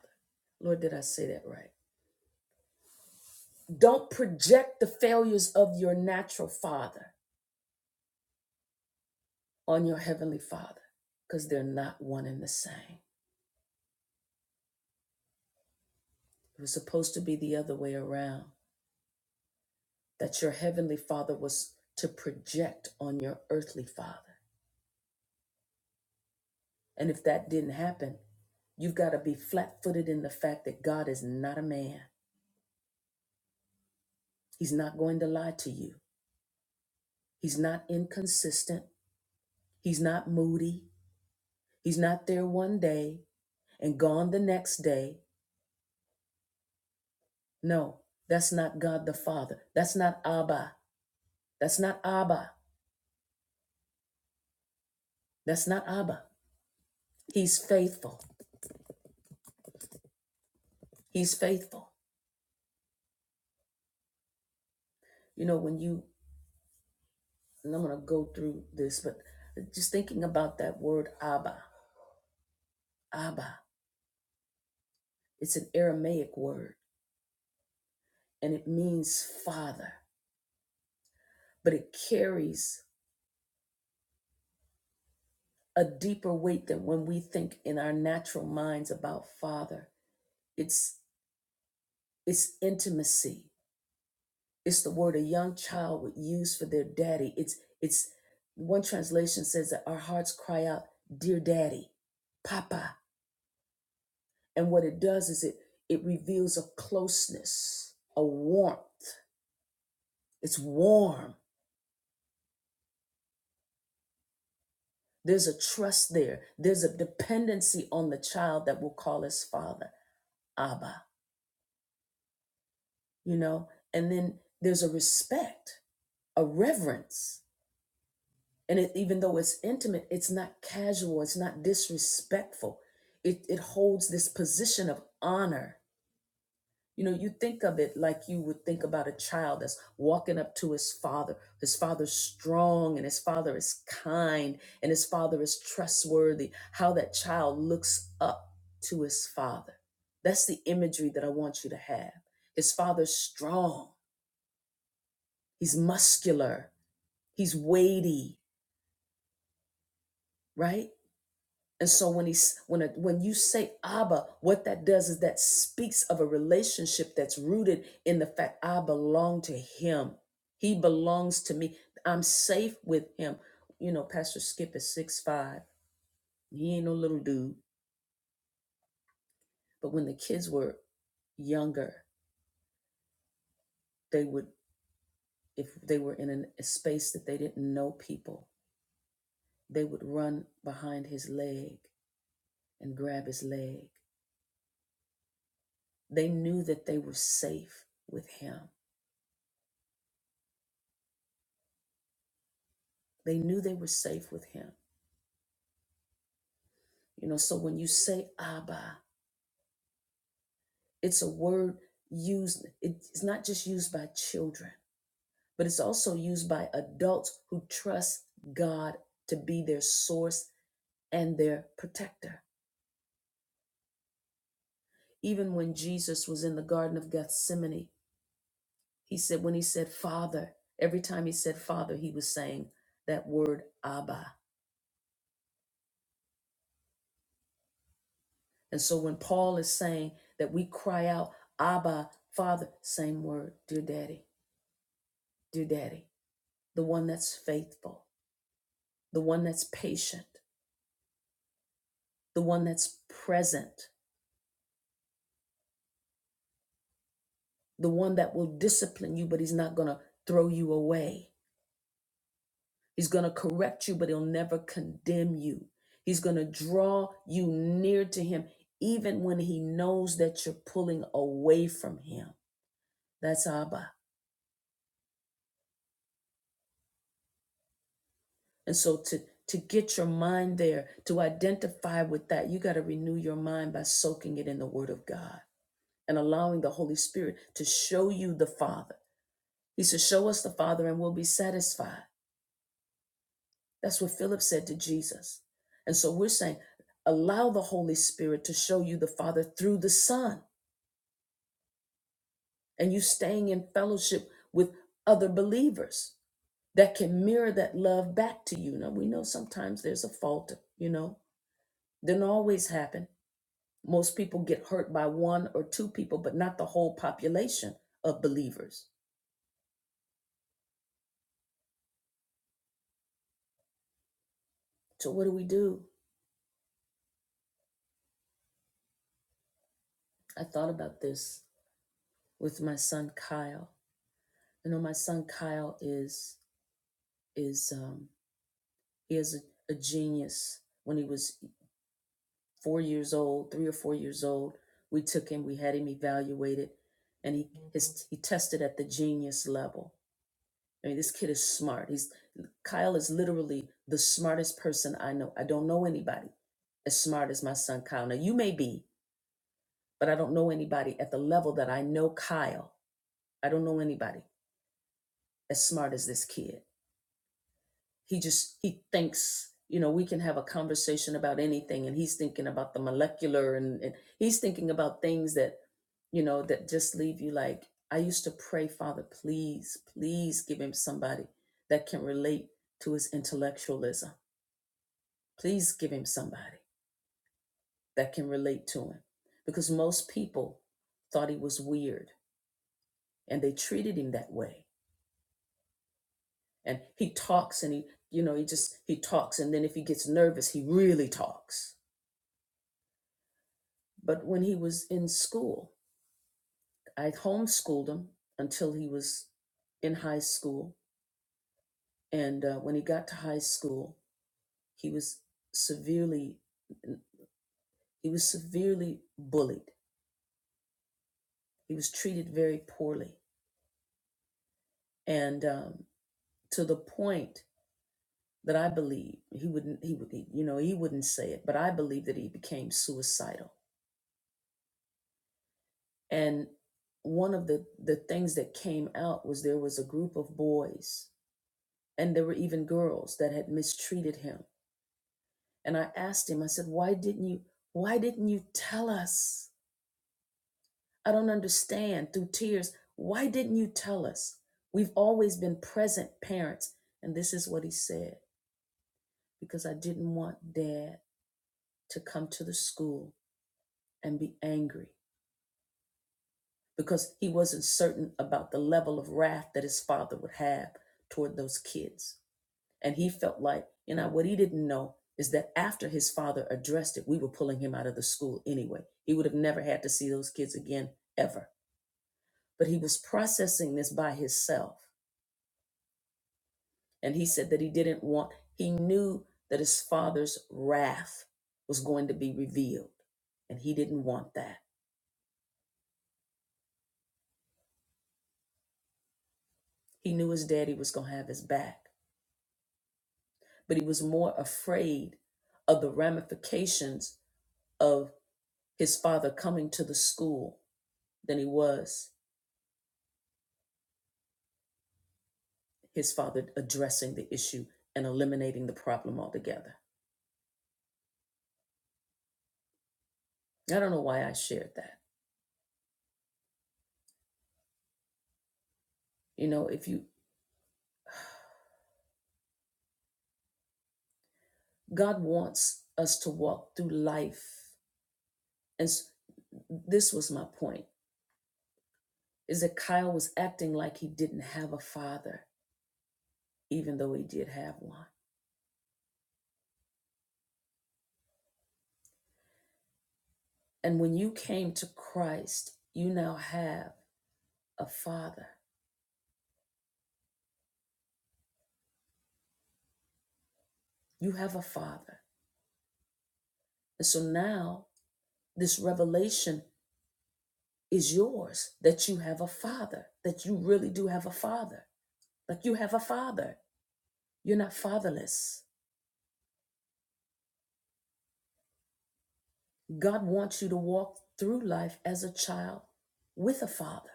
Lord, did I say that right? Don't project the failures of your natural father on your heavenly father because they're not one and the same. It was supposed to be the other way around that your heavenly father was to project on your earthly father. And if that didn't happen, you've got to be flat footed in the fact that God is not a man. He's not going to lie to you, He's not inconsistent, He's not moody, He's not there one day and gone the next day. No, that's not God the Father. That's not Abba. That's not Abba. That's not Abba. He's faithful. He's faithful. You know, when you, and I'm going to go through this, but just thinking about that word Abba, Abba, it's an Aramaic word and it means father, but it carries a deeper weight than when we think in our natural minds about father. It's it's intimacy. It's the word a young child would use for their daddy. It's it's one translation says that our hearts cry out, "Dear Daddy, Papa." And what it does is it it reveals a closeness, a warmth. It's warm. There's a trust there. There's a dependency on the child that will call his father Abba. You know, and then there's a respect, a reverence. And it, even though it's intimate, it's not casual, it's not disrespectful. It, it holds this position of honor. You know, you think of it like you would think about a child that's walking up to his father. His father's strong and his father is kind and his father is trustworthy. How that child looks up to his father. That's the imagery that I want you to have. His father's strong, he's muscular, he's weighty, right? And so when he's when a, when you say Abba, what that does is that speaks of a relationship that's rooted in the fact I belong to Him. He belongs to me. I'm safe with Him. You know, Pastor Skip is six five. He ain't no little dude. But when the kids were younger, they would if they were in an- a space that they didn't know people, they would run behind his leg and grab his leg. They knew that they were safe with Him They knew they were safe with him. You know, so when you say Abba, it's a word used, it's not just used by children, but it's also used by adults who trust God to be their source and their protector. Even when Jesus was in the Garden of Gethsemane, he said, when he said Father, every time he said Father, he was saying that word Abba. And so when Paul is saying that we cry out, Abba, Father, same word, dear daddy, dear daddy. the one that's faithful, the one that's patient, the one that's present, the one that will discipline you, but he's not going to throw you away. He's going to correct you, but he'll never condemn you. He's going to draw you near to him, even when he knows that you're pulling away from him. That's Abba. And so to to get your mind there, to identify with that, you got to renew your mind by soaking it in the word of God and allowing the Holy Spirit to show you the Father He said, Show us the Father and we'll be satisfied. That's what Philip said to Jesus. And so we're saying, Allow the Holy Spirit to show you the Father through the Son, and you staying in fellowship with other believers that can mirror that love back to you. Now, we know sometimes there's a fault, you know, doesn't always happen. Most people get hurt by one or two people, but not the whole population of believers. So, what do we do? I thought about this with my son Kyle I know my son Kyle is is um he is a, a genius. When he was four years old, three or four years old, we took him, we had him evaluated, and he his he tested at the genius level. I mean, this kid is smart. He's Kyle is literally the smartest person I know. I don't know anybody as smart as my son Kyle. Now you may be, but I don't know anybody at the level that I know Kyle. I don't know anybody as smart as this kid he just he thinks you know we can have a conversation about anything and he's thinking about the molecular and, and he's thinking about things that you know that just leave you like i used to pray father please please give him somebody that can relate to his intellectualism please give him somebody that can relate to him because most people thought he was weird and they treated him that way and he talks and he you know he just he talks and then if he gets nervous he really talks But when he was in school, I homeschooled him until he was in high school. And uh, when he got to high school, he was severely he was severely bullied. He was treated very poorly, and um, to the point that I believe he wouldn't he would you know he wouldn't say it, but I believe that he became suicidal. And one of the the things that came out was there was a group of boys and there were even girls that had mistreated him And I asked him, I said, why didn't you, why didn't you tell us? I don't understand through tears. Why didn't you tell us? We've always been present parents. And this is what he said, because I didn't want dad to come to the school and be angry because he wasn't certain about the level of wrath that his father would have toward those kids. And he felt like, you know, what he didn't know is that after his father addressed it, we were pulling him out of the school anyway. He would have never had to see those kids again, ever. But he was processing this by himself. And he said that he didn't want, he knew that his father's wrath was going to be revealed. And he didn't want that. He knew his daddy was going to have his back. But he was more afraid of the ramifications of his father coming to the school than he was his father addressing the issue and eliminating the problem altogether. I don't know why I shared that. You know, if you, God wants us to walk through life. And s- this was my point is that Kyle was acting like he didn't have a father, even though he did have one. And when you came to Christ, you now have a father. You have a father. And so now this revelation is yours that you have a father, that you really do have a father Like you have a father. You're not fatherless. God wants you to walk through life as a child with a father.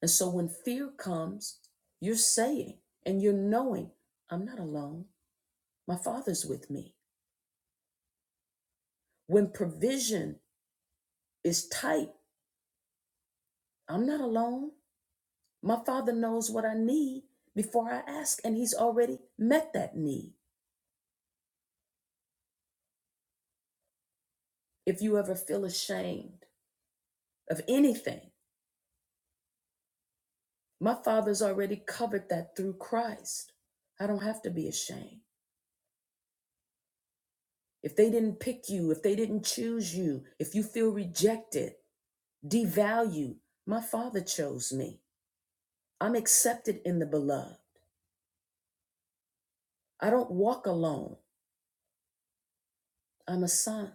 And so when fear comes, you're saying and you're knowing, I'm not alone. My father's with me. When provision is tight, I'm not alone. My father knows what I need before I ask, and he's already met that need. If you ever feel ashamed of anything, My father's already covered that through Christ. I don't have to be ashamed. If they didn't pick you, if they didn't choose you, if you feel rejected, devalued, my father chose me. I'm accepted in the beloved. I don't walk alone. I'm a son.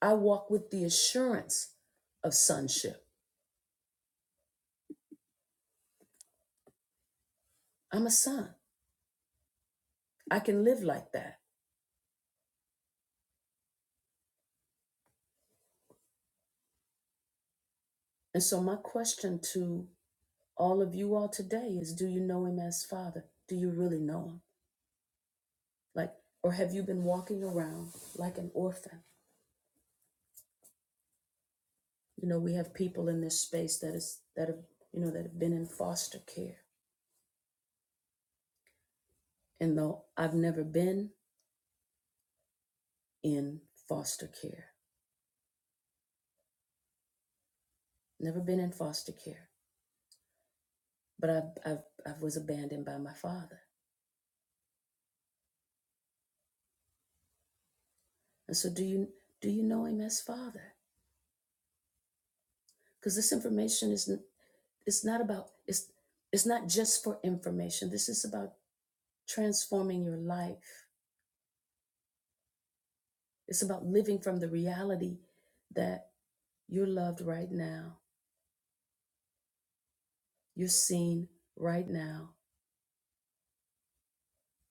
I walk with the assurance of sonship. I'm a son. I can live like that. And so, my question to all of you all today is do you know him as father? Do you really know him? Like, or have you been walking around like an orphan? You know, we have people in this space that is that have you know that have been in foster care. And though I've never been in foster care, never been in foster care, but I I have I have was abandoned by my father. And so, do you do you know him as father? Because this information is it's not about it's it's not just for information. This is about transforming your life. It's about living from the reality that You're loved right now. You're seen right now.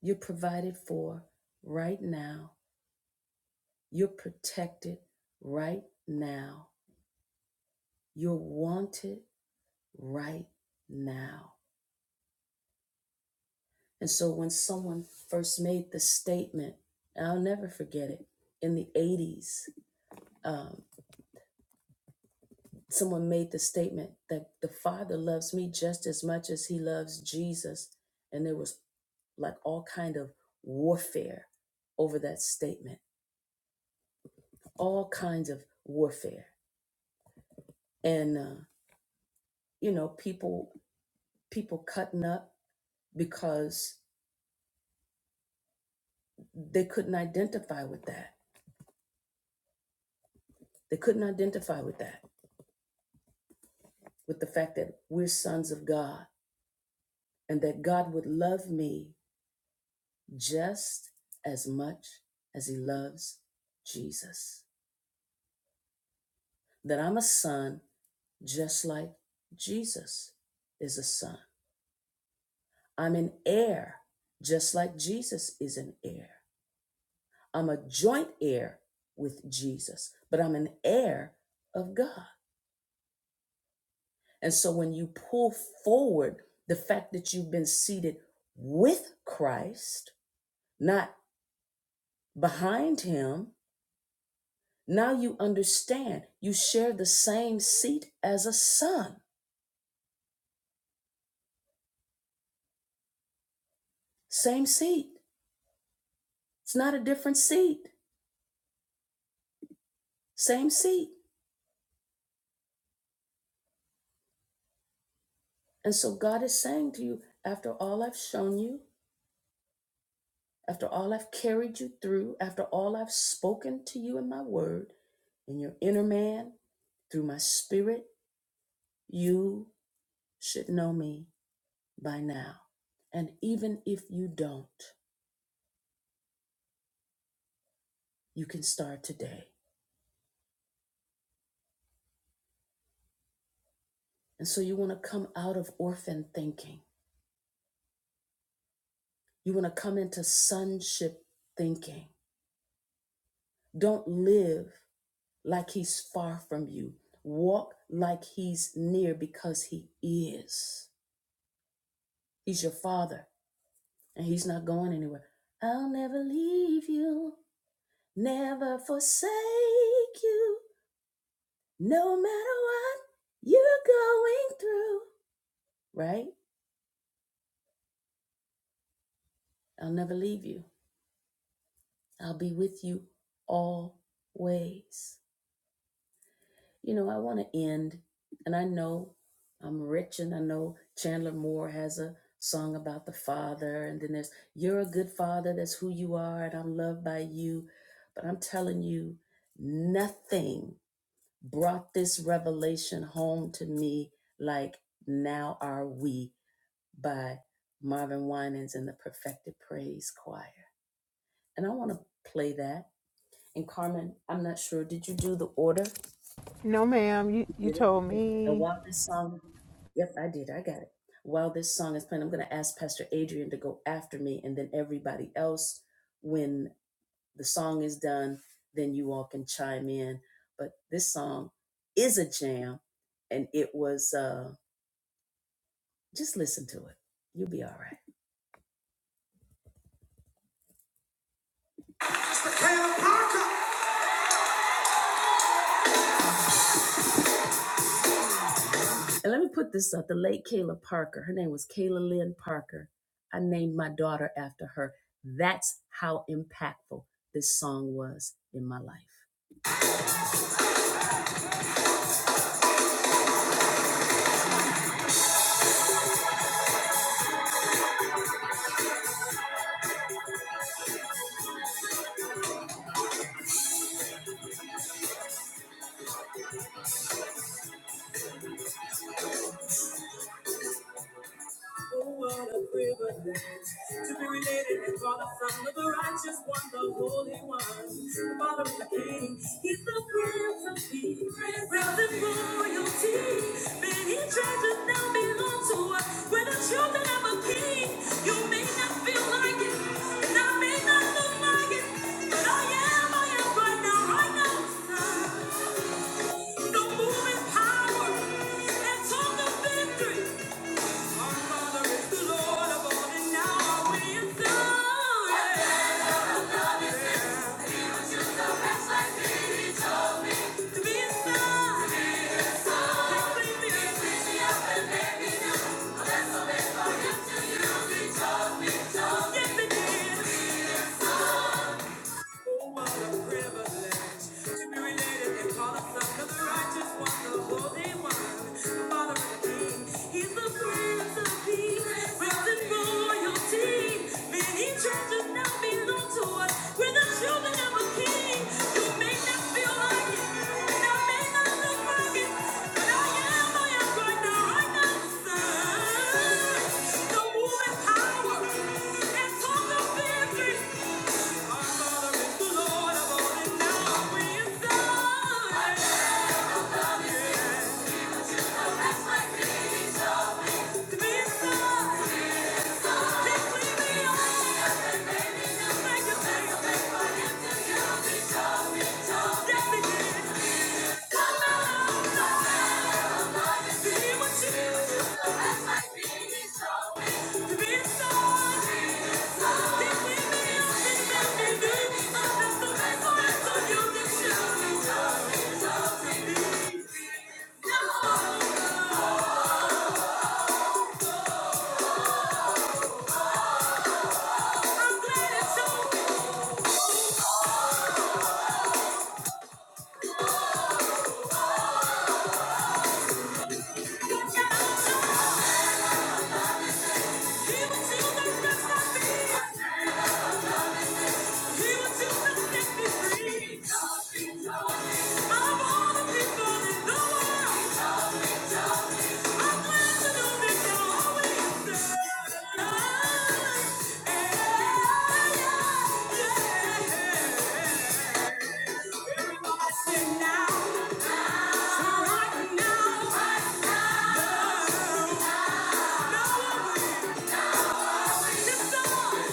You're provided for right now. You're protected right now. You're wanted right now. And so when someone first made the statement, and I'll never forget it, in the 80s, um, someone made the statement that the Father loves me just as much as he loves Jesus. And there was like all kind of warfare over that statement all kinds of warfare and uh, you know people people cutting up because they couldn't identify with that they couldn't identify with that with the fact that we're sons of god and that god would love me just as much as he loves jesus that i'm a son just like jesus is a son i'm an heir just like jesus is an heir I'm a joint heir with Jesus, but I'm an heir of God. And so when you pull forward the fact that you've been seated with Christ, not behind him, now you understand you share the same seat as a son, same seat. It's not a different seat, same seat. And so God is saying to you, after all I've shown you, after all I've carried you through, after all I've spoken to you in my word, in your inner man, through my spirit, you should know me by now. And even if you don't, you can start today. And so you want to come out of orphan thinking. You want to come into sonship thinking. Don't live like he's far from you. Walk like he's near because he is. He's your father. and he's not going anywhere. I'll never leave you, never forsake you, no matter what you're going through, right? I'll never leave you. I'll be with you always. You know, I want to end, and I know I'm rich, and I know Chandler Moore has a song about the father, and then there's You're a Good Father, that's who you are, and I'm loved by you. But I'm telling you, nothing brought this revelation home to me like Now Are We by Marvin Winans and the Perfected Praise Choir. And I want to play that. And Carmen, I'm not sure. Did you do the order?
No, ma'am. You
You
you
did it.
told
Okay. And
me.
while this song, yep, I did. I got it. While this song is playing, I'm going to ask Pastor Adrian to go after me and then everybody else when. the song is done, then you all can chime in. But this song is a jam, and it was uh, just listen to it. You'll be all right. Kayla Parker. And let me put this up: the late Kayla Parker. Her name was Kayla Lynn Parker. I named my daughter after her. That's how impactful this song was in my life. Oh, what a privilege to be related and called a son of the righteous one, the Holy One, the Father of the King. He's the Prince of Peace, realms and royalty. Many treasures now belong to us. We're the children of a King. You may not feel like it, and I may not look like it, but I am, I am right now, right now. The moving power and talk of victory. Yes, it did. Oh, what a privilege to be related and called a son of the righteous one, the Holy One, the Father of the King. He's the Prince of Peace, wrapped in royalty. Many churches now belong to us. We're the children of a King. You may not feel like it, and I may not look like it, but I am, I am right now, right now, the Son. The woman power and talk of victory. Thank you. I'm glad it's over. Now, right now, right now.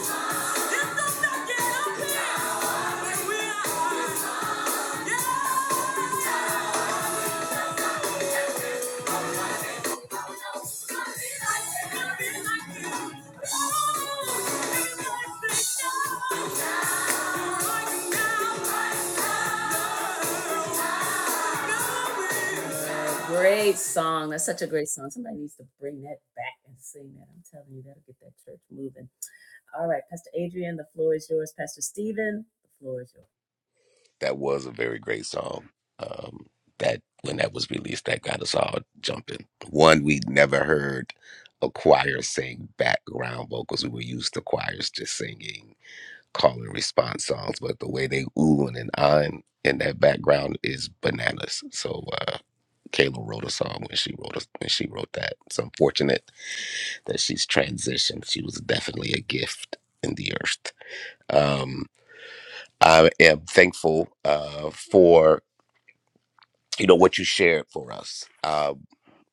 Great song. That's such a great song. Somebody needs to bring that back and sing that. I'm telling you, that'll get that church moving. All right, Pastor Adrian, the floor is yours. Pastor Stephen, the floor is yours.
that was a very great song. Um, that when that was released, that got us all jumping. One we'd never heard a choir sing background vocals. We were used to choirs just singing call and response songs, but the way they ooh and on in that background is bananas. So uh, Kayla wrote a song when she wrote a, when she wrote that. It's unfortunate that she's transitioned. She was definitely a gift in the earth. Um, I am thankful uh, for you know what you shared for us um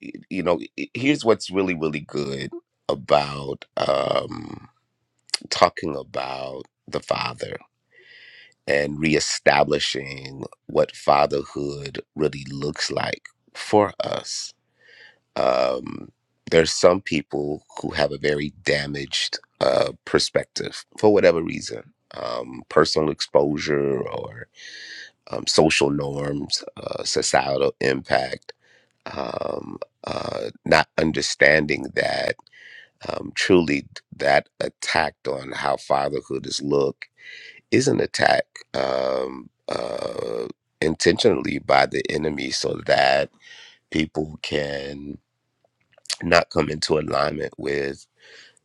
y- you know i- here's what's really really good about um talking about the father and reestablishing what fatherhood really looks like for us um there's some people who have a very damaged uh perspective for whatever reason um personal exposure or um, social norms uh, societal impact um, uh, not understanding that um, truly that attack on how fatherhood is looked is an attack um, uh, intentionally by the enemy so that people can not come into alignment with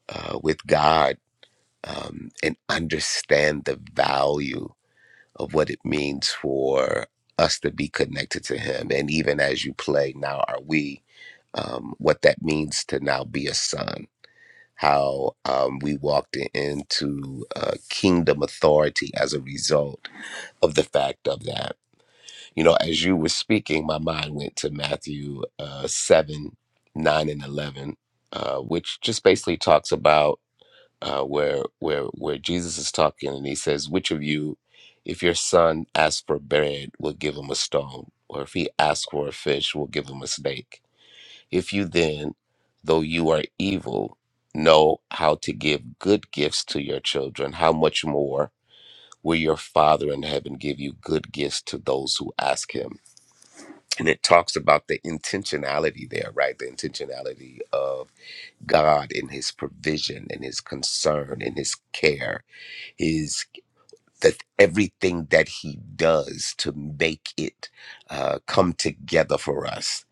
uh, with God um, and understand the value of what it means for us to be connected to him and even as you play now are we um, what that means to now be a son, how um, we walked i- into uh, kingdom authority as a result of the fact of that. You know, as you were speaking, my mind went to Matthew uh, 7, 9, and 11, uh, which just basically talks about uh, where, where, where Jesus is talking and he says, Which of you, if your son asks for bread, will give him a stone? Or if he asks for a fish, will give him a snake? If you then, though you are evil, know how to give good gifts to your children, how much more will your Father in heaven give you good gifts to those who ask him? And it talks about the intentionality there, right? The intentionality of God in his provision and his concern and his care, His that everything that he does to make it uh, come together for us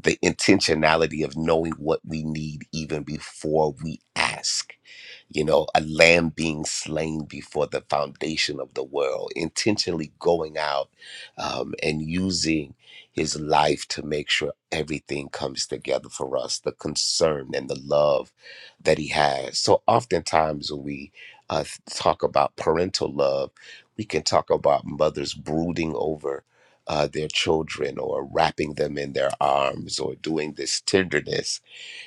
the intentionality of knowing what we need even before we ask you know, a lamb being slain before the foundation of the world, intentionally going out um, and using his life to make sure everything comes together for us, the concern and the love that he has. So, oftentimes, when we uh, talk about parental love, we can talk about mothers brooding over. Uh, their children, or wrapping them in their arms, or doing this tenderness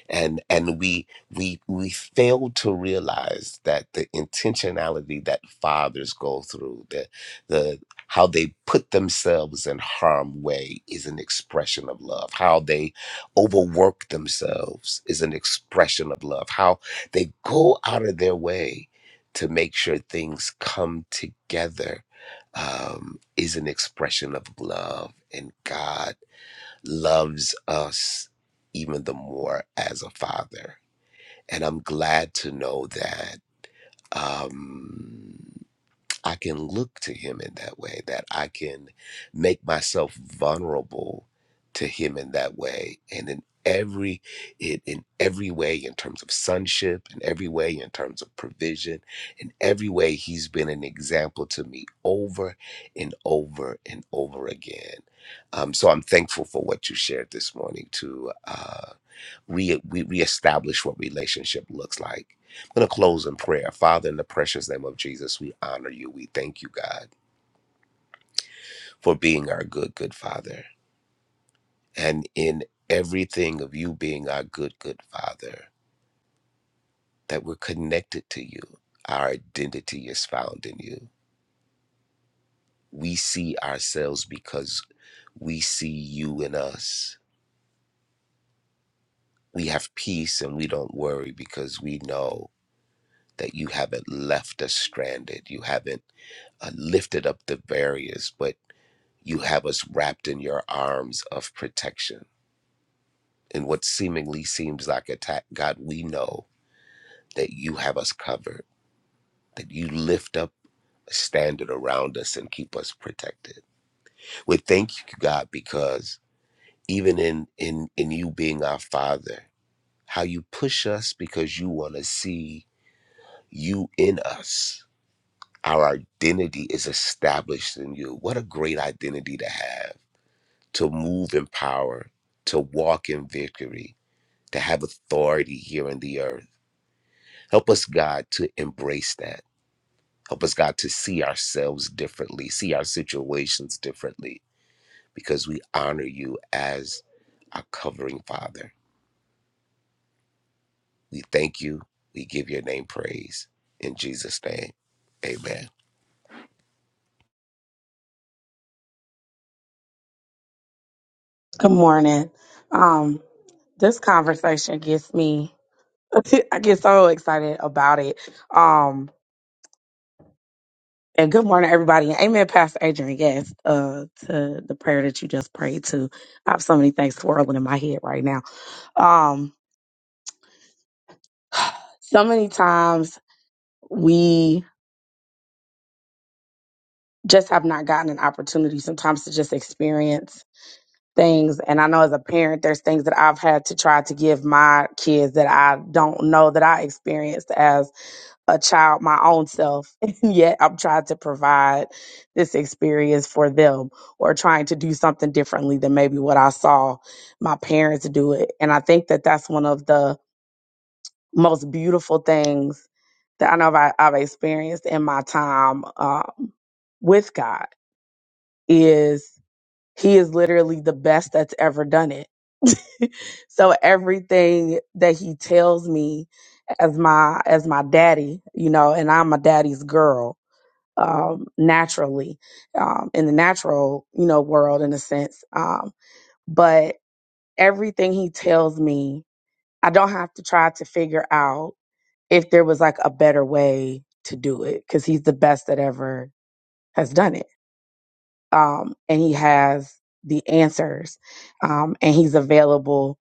and and we we we fail to realize that the intentionality that fathers go through the the how they put themselves in harm way is an expression of love how they overwork themselves is an expression of love how they go out of their way to make sure things come together um, is an expression of love and god loves us even the more as a father. And I'm glad to know that. Um, I can look to him in that way, that I can make myself vulnerable to him in that way. And in every in, in every way in terms of sonship, in every way in terms of provision, in every way he's been an example to me over and over and over again. Um, so I'm thankful for what you shared this morning too. uh, re- we reestablish what relationship looks like. I'm going to close in prayer. Father, in the precious name of Jesus, we honor you. We thank you, God, for being our good, good Father. And in everything of you being our good, good Father, that we're connected to you. Our identity is found in you. We see ourselves because we see you in us. We have peace and we don't worry because we know that you haven't left us stranded. You haven't uh, lifted up the barriers, but you have us wrapped in your arms of protection. In what seemingly seems like attack, God, we know that you have us covered, that you lift up a standard around us and keep us protected. We thank you, God, because even in in in you being our Father, how you push us because you want to see you in us. Our identity is established in you. What a great identity to have to move in power, to walk in victory, to have authority here in the earth. Help us, God, to embrace that. Help us, God, to see ourselves differently, see our situations differently, because we honor you as our covering Father. We thank you. We give your name praise. In Jesus' name, amen.
Good morning. Um, this conversation gets me. I get so excited about it. Um, and good morning, everybody. And Amen, Pastor Adrian. Yes, uh, to the prayer that you just prayed to. I have so many things swirling in my head right now. Um, so many times we just have not gotten an opportunity sometimes to just experience things. And I know as a parent, there's things that I've had to try to give my kids that I don't know that I experienced as a child my own self and yet i'm trying to provide this experience for them or trying to do something differently than maybe what i saw my parents do it and i think that that's one of the most beautiful things that i know I've, I've experienced in my time um, with god he is literally the best that's ever done it. so everything that he tells me as my as my daddy, you know, and I'm a daddy's girl um naturally um in the natural, you know, world in a sense. Um but everything he tells me, I don't have to try to figure out if there was like a better way to do it cuz he's the best that ever has done it um, and he has the answers um, and he's available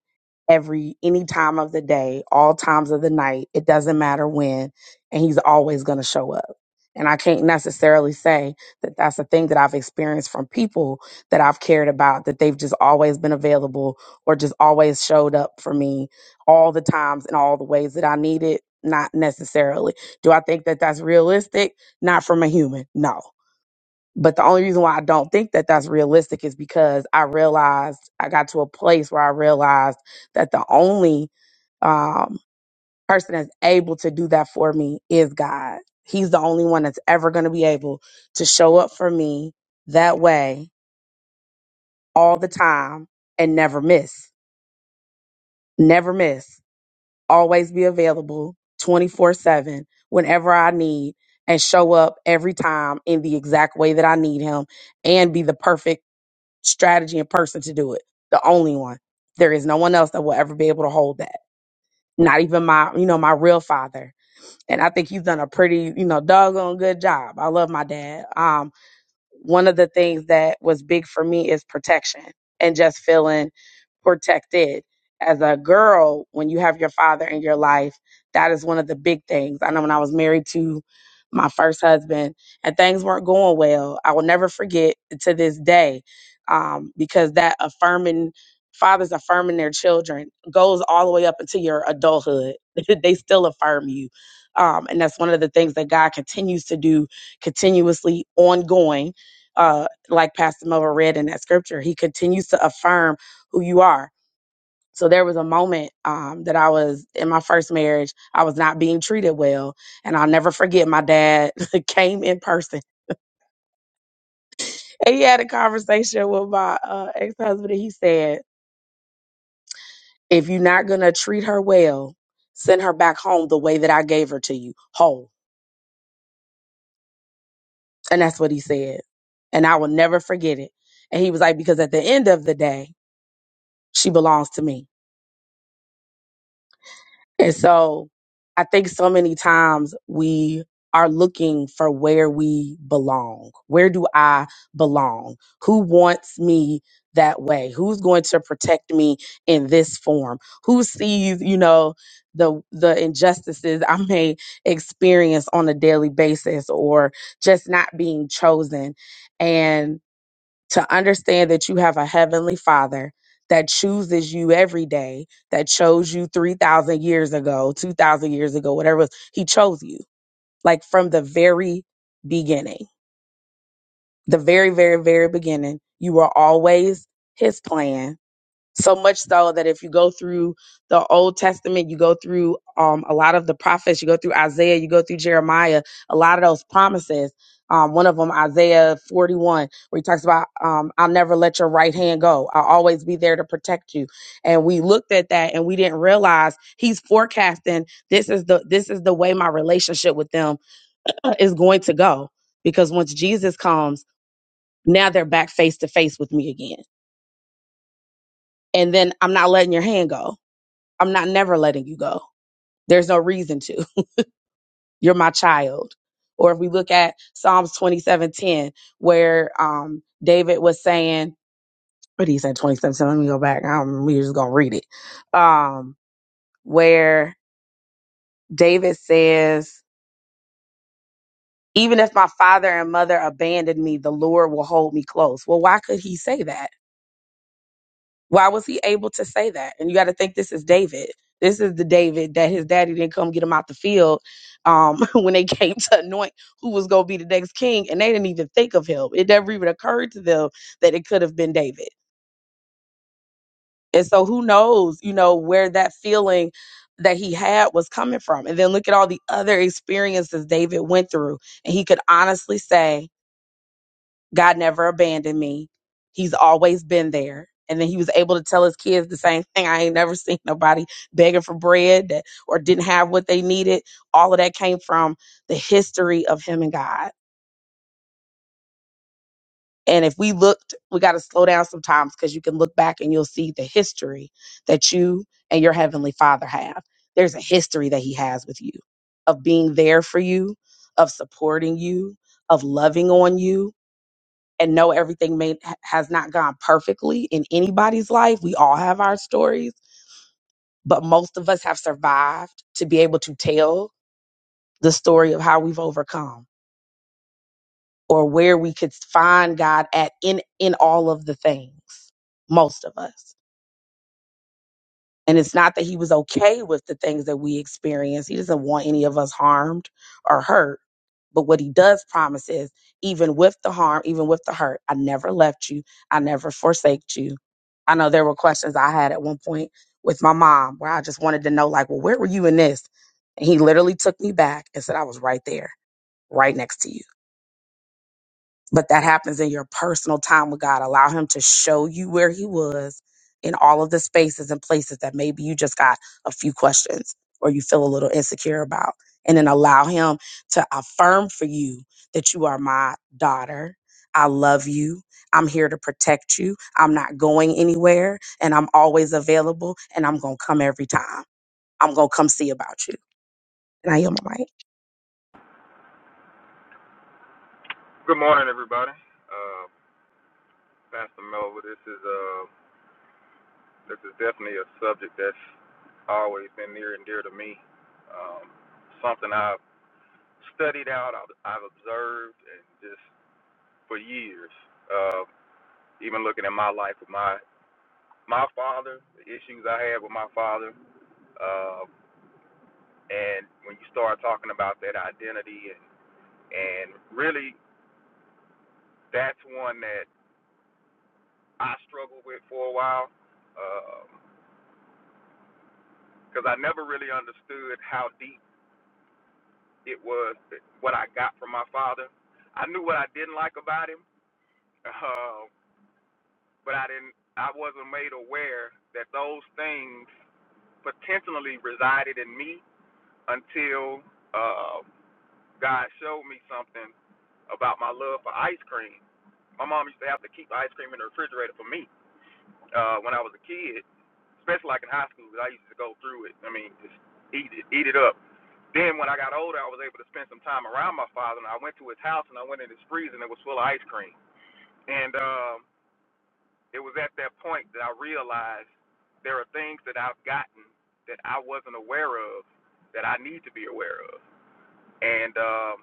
every any time of the day all times of the night it doesn't matter when and he's always going to show up and i can't necessarily say that that's a thing that i've experienced from people that i've cared about that they've just always been available or just always showed up for me all the times in all the ways that i needed not necessarily do i think that that's realistic not from a human no but the only reason why I don't think that that's realistic is because I realized I got to a place where I realized that the only um, person that's able to do that for me is God. He's the only one that's ever going to be able to show up for me that way all the time and never miss. Never miss. Always be available 24 7 whenever I need and show up every time in the exact way that I need him and be the perfect strategy and person to do it. The only one. There is no one else that will ever be able to hold that. Not even my, you know, my real father. And I think he's done a pretty, you know, doggone good job. I love my dad. Um, one of the things that was big for me is protection and just feeling protected. As a girl, when you have your father in your life, that is one of the big things. I know when I was married to my first husband and things weren't going well, I will never forget to this day um, because that affirming, fathers affirming their children goes all the way up into your adulthood. they still affirm you. Um, and that's one of the things that God continues to do continuously, ongoing uh, like Pastor Melvin read in that scripture, he continues to affirm who you are. So there was a moment um, that I was in my first marriage, I was not being treated well. And I'll never forget my dad came in person and he had a conversation with my uh, ex husband. And he said, If you're not going to treat her well, send her back home the way that I gave her to you, whole. And that's what he said. And I will never forget it. And he was like, Because at the end of the day, she belongs to me And so I think so many times we are looking for where we belong. Where do I belong? Who wants me that way? Who's going to protect me in this form? Who sees, you know, the the injustices I may experience on a daily basis or just not being chosen? and to understand that you have a heavenly father that chooses you every day, that chose you 3,000 years ago, 2,000 years ago, whatever it was. He chose you, like from the very beginning, the very, very, very beginning. You were always his plan so much so that if you go through the Old Testament, you go through um, a lot of the prophets, you go through Isaiah, you go through Jeremiah, a lot of those promises. Um, one of them, Isaiah 41, where he talks about, um, I'll never let your right hand go. I'll always be there to protect you. And we looked at that and we didn't realize he's forecasting this is the, this is the way my relationship with them is going to go. Because once Jesus comes, now they're back face to face with me again. And then I'm not letting your hand go I'm not never letting you go. There's no reason to. You're my child. Or if we look at Psalms 27:10, where um, David was saying, what did he say? 27:10. Let me go back. I'm we just gonna read it. Um, where David says, "Even if my father and mother abandoned me, the Lord will hold me close." Well, why could he say that? Why was he able to say that? And you got to think this is David. This is the David that his daddy didn't come get him out the field um, when they came to anoint who was going to be the next king. And they didn't even think of him. It never even occurred to them that it could have been David. And so who knows, you know, where that feeling that he had was coming from. And then look at all the other experiences David went through. And he could honestly say, God never abandoned me. He's always been there. And then he was able to tell his kids the same thing. I ain't never seen nobody begging for bread that, or didn't have what they needed. All of that came from the history of him and God. And if we looked, we got to slow down sometimes because you can look back and you'll see the history that you and your heavenly father have. There's a history that he has with you of being there for you, of supporting you, of loving on you, and know everything may has not gone perfectly in anybody's life. We all have our stories, but most of us have survived to be able to tell the story of how we've overcome or where we could find God at in in all of the things. Most of us. And it's not that he was okay with the things that we experience. He doesn't want any of us harmed or hurt. But what he does promise is, even with the harm, even with the hurt, I never left you. I never forsaked you. I know there were questions I had at one point with my mom where I just wanted to know, like, well, where were you in this? And he literally took me back and said, I was right there, right next to you but that happens in your personal time with God. Allow Him to show you where He was in all of the spaces and places that maybe you just got a few questions or you feel a little insecure about. And then allow Him to affirm for you that you are my daughter. I love you. I'm here to protect you. I'm not going anywhere and I'm always available and I'm going to come every time. I'm going to come see about you. And I yield my mic.
Good morning, everybody. Uh, Pastor Melville, this is uh, this is definitely a subject that's always been near and dear to me. Um, something I've studied out, I've, I've observed, and just for years. Uh, even looking at my life with my my father, the issues I had with my father, uh, and when you start talking about that identity, and and really, that's one that I struggled with for a while. Um, because I never really understood how deep it was what I got from my father. I knew what I didn't like about him, uh, but I didn't. I wasn't made aware that those things potentially resided in me until uh, God showed me something about my love for ice cream. My mom used to have to keep ice cream in the refrigerator for me uh, when I was a kid, especially like in high school. 'cause I used to go through it. I mean, just eat it, eat it up. Then when I got older, I was able to spend some time around my father, and I went to his house and I went in his freezer, and it was full of ice cream. And um, it was at that point that I realized there are things that I've gotten that I wasn't aware of that I need to be aware of. And um,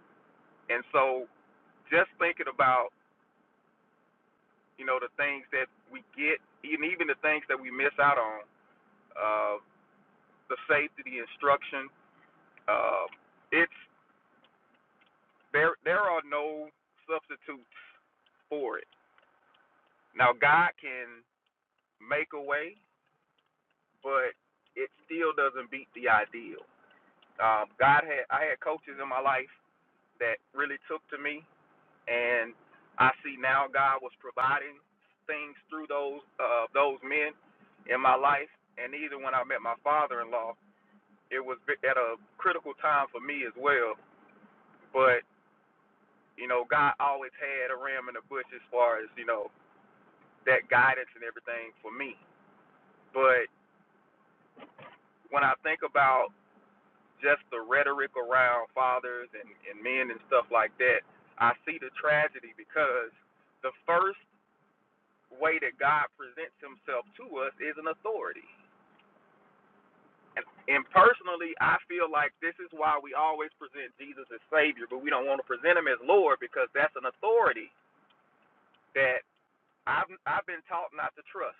and so just thinking about you know the things that we get, and even the things that we miss out on, uh, the safety, the instruction, uh, it's there. There are no substitutes for it Now, God can make a way, but it still doesn't beat the ideal. Um, God had I had coaches in my life that really took to me, and I see now God was providing things through those uh, those men in my life. And even when I met my father-in-law, it was bi- at a critical time for me as well. But you know, God always had a ram in the bush as far as you know that guidance and everything for me. But when I think about just the rhetoric around fathers and, and men and stuff like that, I see the tragedy because the first way that God presents himself to us is an authority. And, and personally, I feel like this is why we always present Jesus as Savior, but we don't want to present him as Lord because that's an authority that I've, I've been taught not to trust.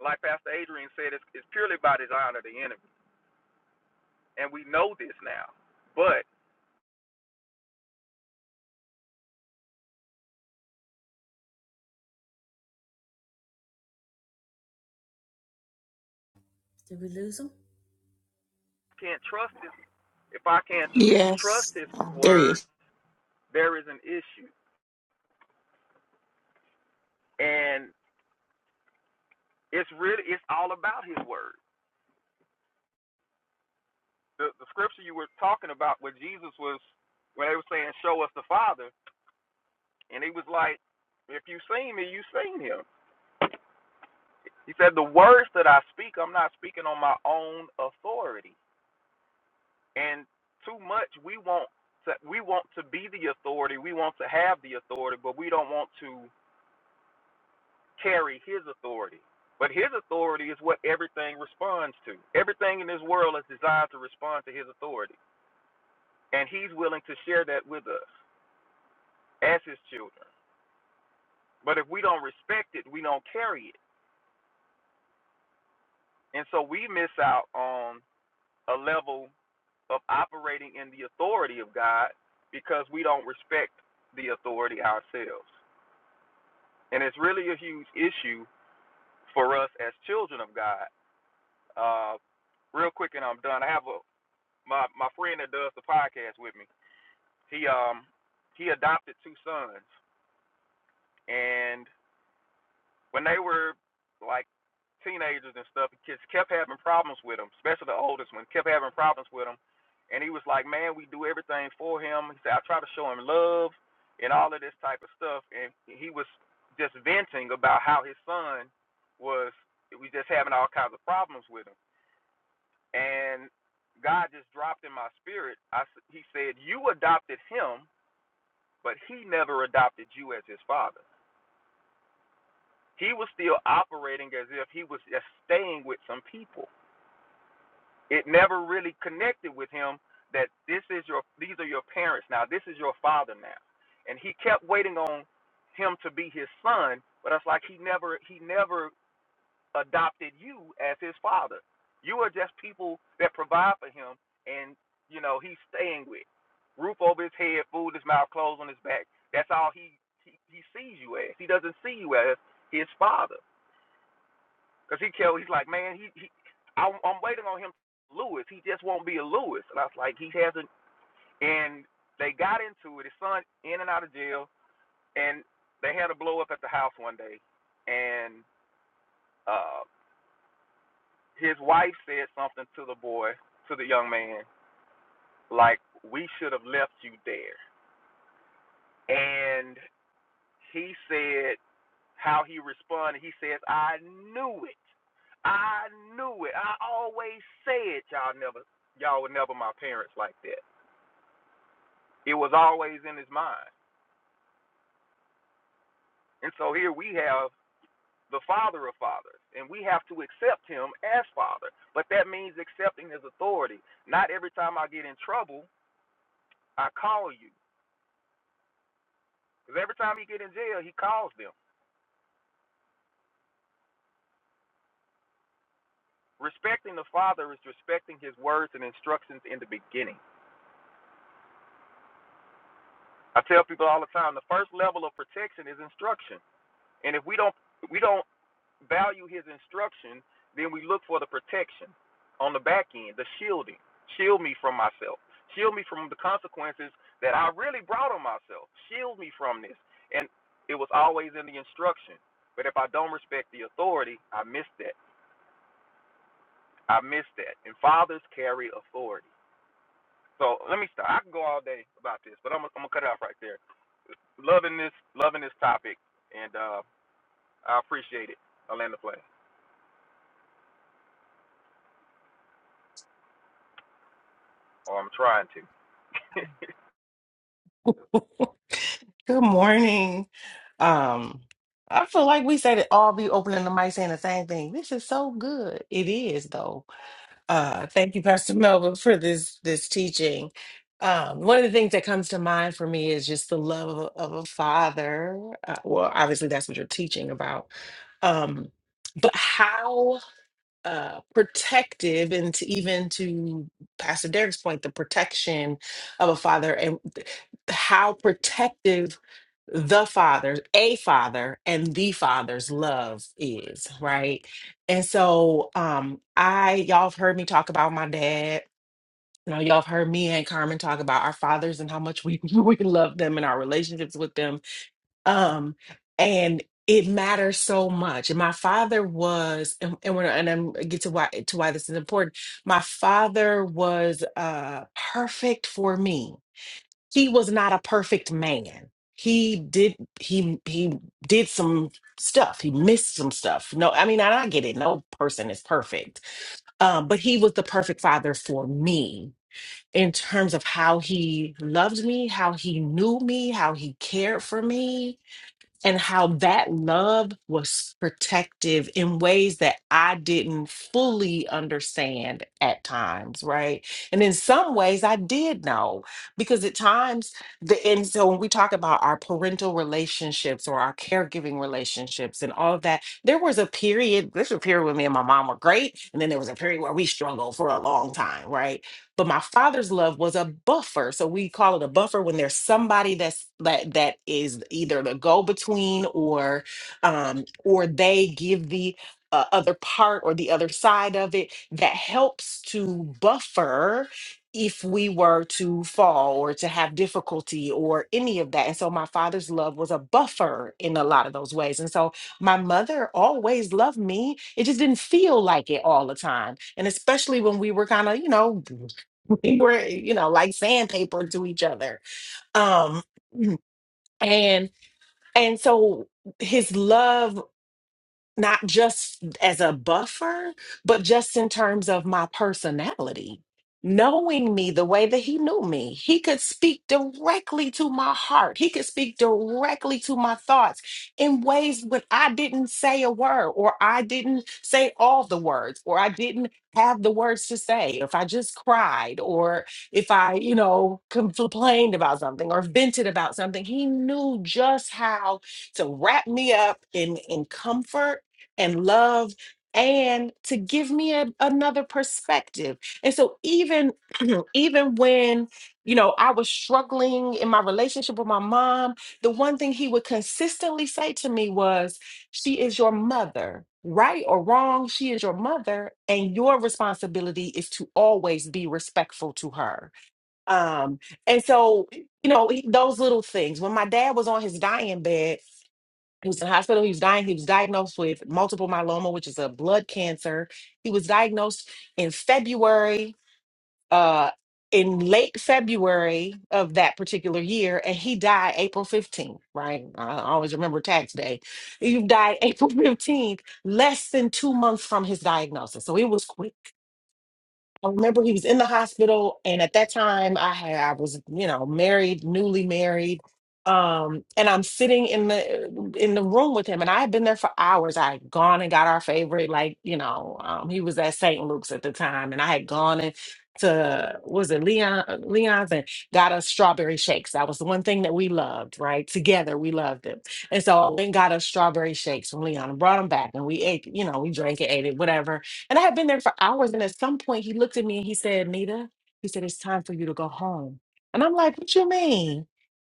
Like Pastor Adrian said, it's, it's purely by design of the enemy. And we know this now. But
Did we lose him?
can't trust this if I can't tr- trust
Yes.
His
There he
word,
is.
there is an issue, and it's really it's all about His word. The, the scripture you were talking about, where Jesus was, when they were saying, "Show us the Father," and He was like, "If you've seen me, you've seen Him." He said, "The words that I speak, I'm not speaking on my own authority." And too much, we want to, we want to be the authority, we want to have the authority, but we don't want to carry his authority. But his authority is what everything responds to. Everything in this world is designed to respond to his authority. And he's willing to share that with us as his children. But if we don't respect it, we don't carry it. And so we miss out on a level of operating in the authority of God because we don't respect the authority ourselves. And it's really a huge issue for us as children of God. Uh, real quick and I'm done. I have a. my my friend that does the podcast with me, he um he adopted two sons, and when they were like teenagers and stuff, he just kept having problems with them, especially the oldest one, kept having problems with them, and he was like, man, we do everything for him. He said I try to show him love and all of this type of stuff, and he was just venting about how his son was we just having all kinds of problems with him. and God just dropped in my spirit. I, s- he said, "You adopted him, but he never adopted you as his father. He was still operating as if he was just staying with some people. It never really connected with him that this is your, these are your parents now. This is your father now." And he kept waiting on him to be his son, but it's like he never, he never adopted you as his father. You are just people that provide for him, and you know he's staying with. Roof over his head, food in his mouth, clothes on his back. That's all he he, he sees you as. He doesn't see you as his father, because he tell he's like, man, he, he I'm, I'm waiting on him, to be Lewis. He just won't be a Lewis, and I was like, he hasn't. And they got into it. His son in and out of jail, and they had a blow up at the house one day, and uh, his wife said something to the boy, to the young man, like, We should have left you there. And he said how he responded. He says, I knew it. I knew it. I always said y'all never y'all were never my parents like that. It was always in his mind. And so here we have the father of fathers, and we have to accept him as father. But that means accepting his authority. Not every time I get in trouble, I call you. Because every time he get in jail, he calls them. Respecting the Father is respecting his words and instructions in the beginning. I tell people all the time, the first level of protection is instruction. And if we don't we don't value his instruction, then we look for the protection on the back end, the shielding. Shield me from myself. Shield me from the consequences that I really brought on myself. Shield me from this. And it was always in the instruction. But if I don't respect the authority, I miss that. I missed that. And fathers carry authority. So let me stop. I can go all day about this, but I'm, gonna- I'm gonna cut it off right there. Loving this, loving this topic, and uh, I appreciate it. I land the plane, or I'm trying to.
Good morning. Um, I feel like we said it all be opening the mic saying the same thing. This is so good. It is though. Uh thank you, Pastor Melvin, for this this teaching. Um, one of the things that comes to mind for me is just the love of, a- of a father. Uh, well, obviously that's what you're teaching about. Um, but how? uh, protective and to even to Pastor Derek's point, the protection of a father and th- how protective the father's a father and the father's love is, right? And so um I y'all have heard me talk about my dad. You know, y'all have heard me and Carmen talk about our fathers and how much we we love them and our relationships with them um and it matters so much and my father was and, and when and i'm I get to why to why this is important my father was uh perfect for me he was not a perfect man he did he he did some stuff he missed some stuff no i mean and i get it no person is perfect um but he was the perfect father for me in terms of how he loved me how he knew me how he cared for me and how that love was protective in ways that I didn't fully understand at times, right? And in some ways I did know because at times the and so when we talk about our parental relationships or our caregiving relationships and all of that, there was a period, there's a period when me and my mom were great, and then there was a period where we struggled for a long time, right? But my father's love was a buffer. So we call it a buffer when there's somebody that's that that is either the go-between or um or they give the uh, other part or the other side of it that helps to buffer if we were to fall or to have difficulty or any of that. And so my father's love was a buffer in a lot of those ways. And so my mother always loved me. It just didn't feel like it all the time. And especially when we were kind of, you know, we were you know like sandpaper to each other um and and so his love not just as a buffer, but just in terms of my personality. Knowing me the way that he knew me, he could speak directly to my heart. He could speak directly to my thoughts in ways when I didn't say a word, or I didn't say all the words, or I didn't have the words to say. If I just cried, or if I, you know, complained about something or vented about something, he knew just how to wrap me up in, in comfort and love and to give me a, another perspective. And so even even when you know I was struggling in my relationship with my mom, the one thing he would consistently say to me was she is your mother. Right or wrong, she is your mother and your responsibility is to always be respectful to her. Um and so you know, he- those little things. When my dad was on his dying bed, he was in the hospital. He was dying. He was diagnosed with multiple myeloma, which is a blood cancer. He was diagnosed in February, uh, in late February of that particular year, and he died April 15th, right? I always remember tax day. He died April 15th, less than two months from his diagnosis. So it was quick I remember he was in the hospital, and at that time, I had I was you know married, newly married, um, and I'm sitting in the in the room with him, and I had been there for hours. I had gone and got our favorite, like you know, um, he was at St. Luke's at the time, and I had gone and to was it Leon Leon's and got us strawberry shakes. That was the one thing that we loved, right? Together we loved it, and so I went and got us strawberry shakes from Leon and brought them back, and we ate, you know, we drank it, ate it, whatever. And I had been there for hours. And at some point, he looked at me and he said, Nita, he said, it's time for you to go home. And I'm like, what you mean?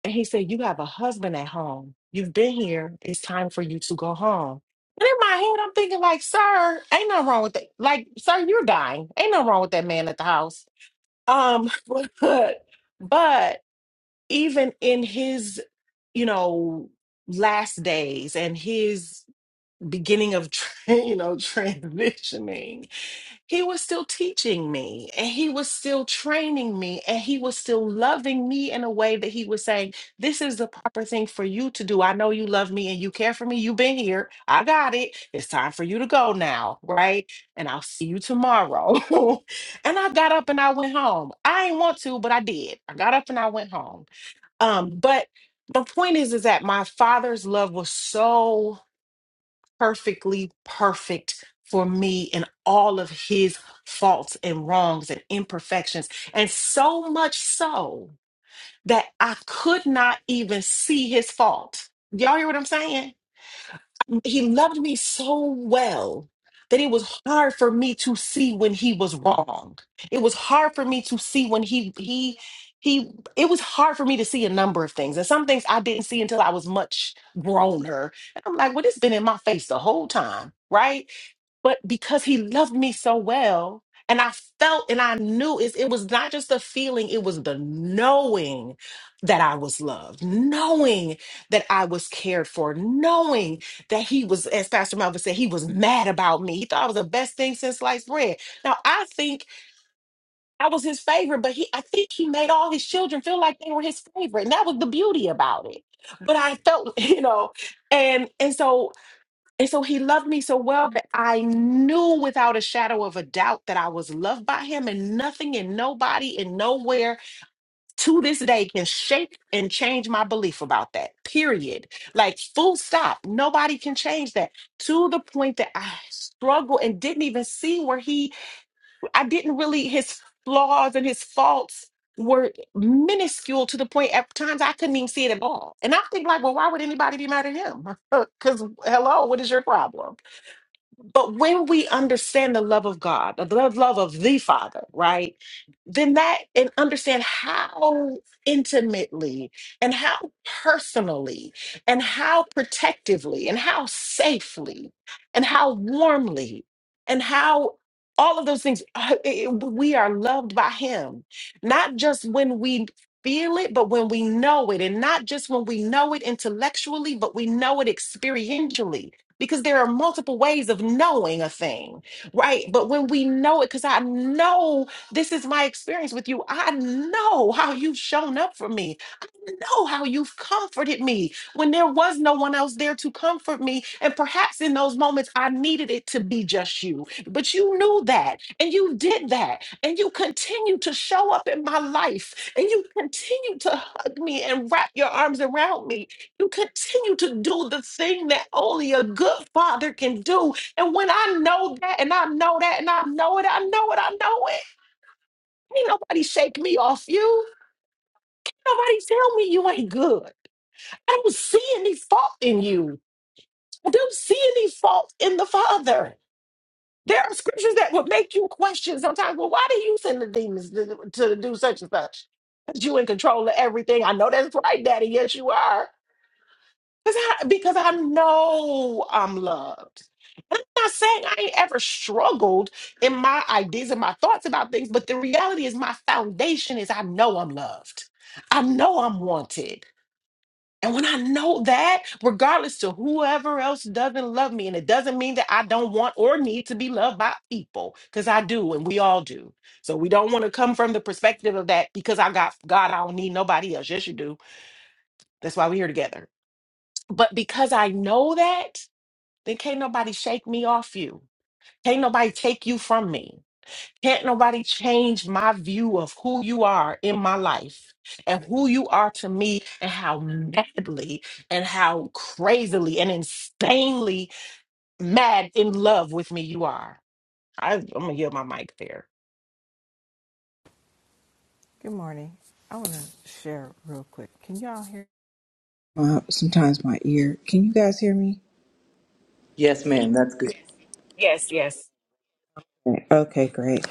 And he said, you have a husband at home. You've been here. It's time for you to go home. And in my head, I'm thinking, like, sir, ain't nothing wrong with that. Like, sir, you're dying. Ain't nothing wrong with that man at the house. Um, but, but even in his, you know, last days and his beginning of, you know, transitioning, he was still teaching me and he was still training me and he was still loving me in a way that he was saying this is the proper thing for you to do i know you love me and you care for me you've been here i got it it's time for you to go now right and i'll see you tomorrow and i got up and i went home i didn't want to but i did i got up and i went home um but the point is is that my father's love was so perfectly perfect for me in all of his faults and wrongs and imperfections. And so much so that I could not even see his fault. Y'all hear what I'm saying? he loved me so well that it was hard for me to see when he was wrong. It was hard for me to see when he he he it was hard for me to see a number of things. And some things I didn't see until I was much growner. And I'm like, well, it's been in my face the whole time, right? but because he loved me so well and i felt and i knew it, it was not just the feeling it was the knowing that i was loved knowing that i was cared for knowing that he was as pastor melvin said he was mad about me he thought i was the best thing since sliced bread now i think i was his favorite but he i think he made all his children feel like they were his favorite and that was the beauty about it but i felt you know and and so and so he loved me so well that I knew without a shadow of a doubt that I was loved by him, and nothing and nobody and nowhere to this day can shake and change my belief about that. Period. Like, full stop. Nobody can change that to the point that I struggled and didn't even see where he, I didn't really, his flaws and his faults were minuscule to the point at times I couldn't even see it at all. And I think like, well, why would anybody be mad at him? Because hello, what is your problem? But when we understand the love of God, the love love of the Father, right? Then that and understand how intimately and how personally and how protectively and how safely and how warmly and how all of those things uh, it- it- we are loved by him not just when we feel it but when we know it and not just when we know it intellectually but we know it experientially because there are multiple ways of knowing a thing, right? But when we know it, because I know this is my experience with you, I know how you've shown up for me, I know how you've comforted me when there was no one else there to comfort me. And perhaps in those moments, I needed it to be just you, but you knew that and you did that, and you continue to show up in my life, and you continue to hug me and wrap your arms around me you continue to do the thing that only a good father can do. And when I know that, and I know that, and I know it, I know it, I know it, ain't nobody shake me off you. Nobody tell me you ain't good. I don't see any fault in you. I don't see any fault in the father. There are scriptures that would make you question sometimes. Well, why do you send the demons to, to do such and such? Because you in control of everything. I know that's right, Daddy. Yes, you are. Because I, because I know I'm loved. And I'm not saying I ain't ever struggled in my ideas and my thoughts about things, but the reality is my foundation is I know I'm loved. I know I'm wanted. And when I know that, regardless to whoever else doesn't love me, and it doesn't mean that I don't want or need to be loved by people, because I do, and we all do. So we don't want to come from the perspective of that because I got God, I don't need nobody else. Yes, you do. That's why we're here together. But because I know that, then can't nobody shake me off you. Can't nobody take you from me. Can't nobody change my view of who you are in my life and who you are to me and how madly and how crazily and insanely mad in love with me you are. I, I'm gonna yield my mic there.
Good morning. I want to share real quick. Can y'all hear? Uh, sometimes my ear. Can you guys hear me?
Yes, ma'am. That's good.
Yes, yes.
Okay, great.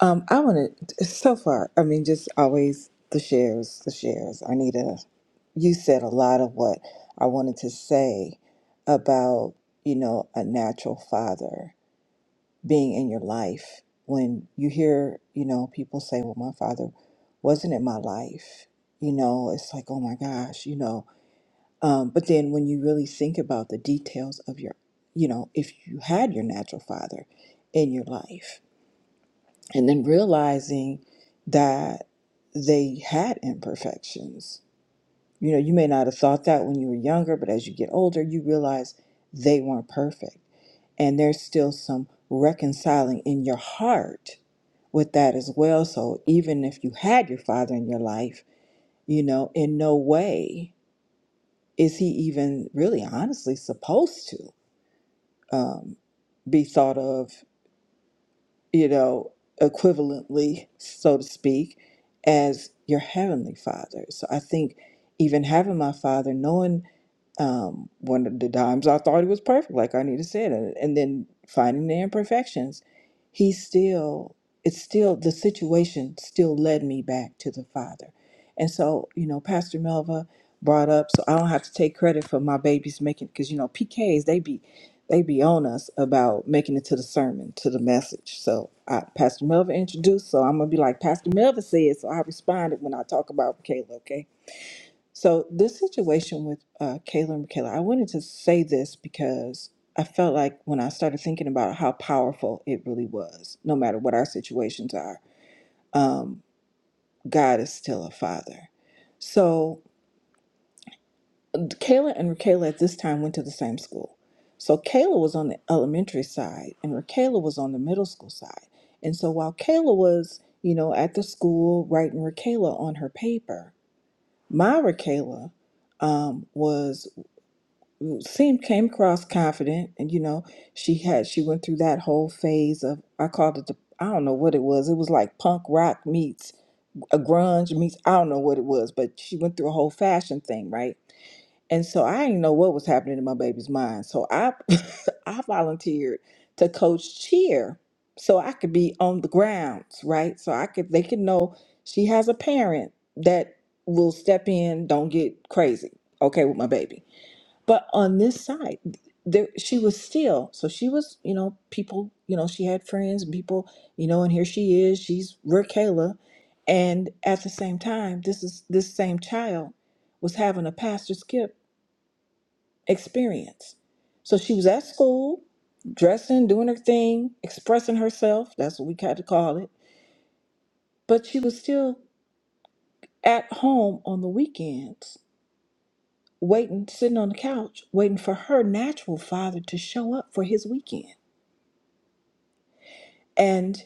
Um, I want to. So far, I mean, just always the shares, the shares. I need a. You said a lot of what I wanted to say about you know a natural father being in your life. When you hear you know people say, "Well, my father wasn't in my life," you know, it's like, "Oh my gosh," you know Um, but then when you really think about the details of your, you know, if you had your natural father in your life, and then realizing that they had imperfections, you know, you may not have thought that when you were younger, but as you get older, you realize they weren't perfect. And there's still some reconciling in your heart with that as well. So even if you had your father in your life, you know, in no way is he even really honestly supposed to um, be thought of, you know, equivalently, so to speak, as your heavenly father? So I think even having my father, knowing um, one of the times I thought he was perfect, like Arnita said, and, and then finding the imperfections, he still, it's still, the situation still led me back to the Father. And so, you know, Pastor Melva brought up, so I don't have to take credit for my babies making, because, you know, PKs, they be, they be on us about making it to the sermon, to the message. So I, Pastor Melva introduced, so I'm going to be like Pastor Melva said, so I responded when I talk about Michaela, okay? So this situation with uh, Kayla and Michaela, I wanted to say this because I felt like when I started thinking about how powerful it really was, no matter what our situations are, um, God is still a father. So Kayla and Raquela at this time went to the same school. So Kayla was on the elementary side and Raquela was on the middle school side. And so while Kayla was, you know, at the school writing Raquela on her paper, my Raquela um, was seemed came across confident and you know she had she went through that whole phase of i called it the i don't know what it was it was like punk rock meets a grunge meets i don't know what it was but she went through a whole fashion thing right and so i didn't know what was happening in my baby's mind so i i volunteered to coach cheer so i could be on the grounds right so i could they could know she has a parent that will step in don't get crazy okay with my baby but on this side, there she was still. So she was, you know, people, you know, she had friends and people, you know, and here she is. She's Raquela, and at the same time, this is this same child was having a pastor skip experience. So she was at school, dressing, doing her thing, expressing herself. That's what we kind of call it. But she was still at home on the weekends, waiting, sitting on the couch, waiting for her natural father to show up for his weekend. And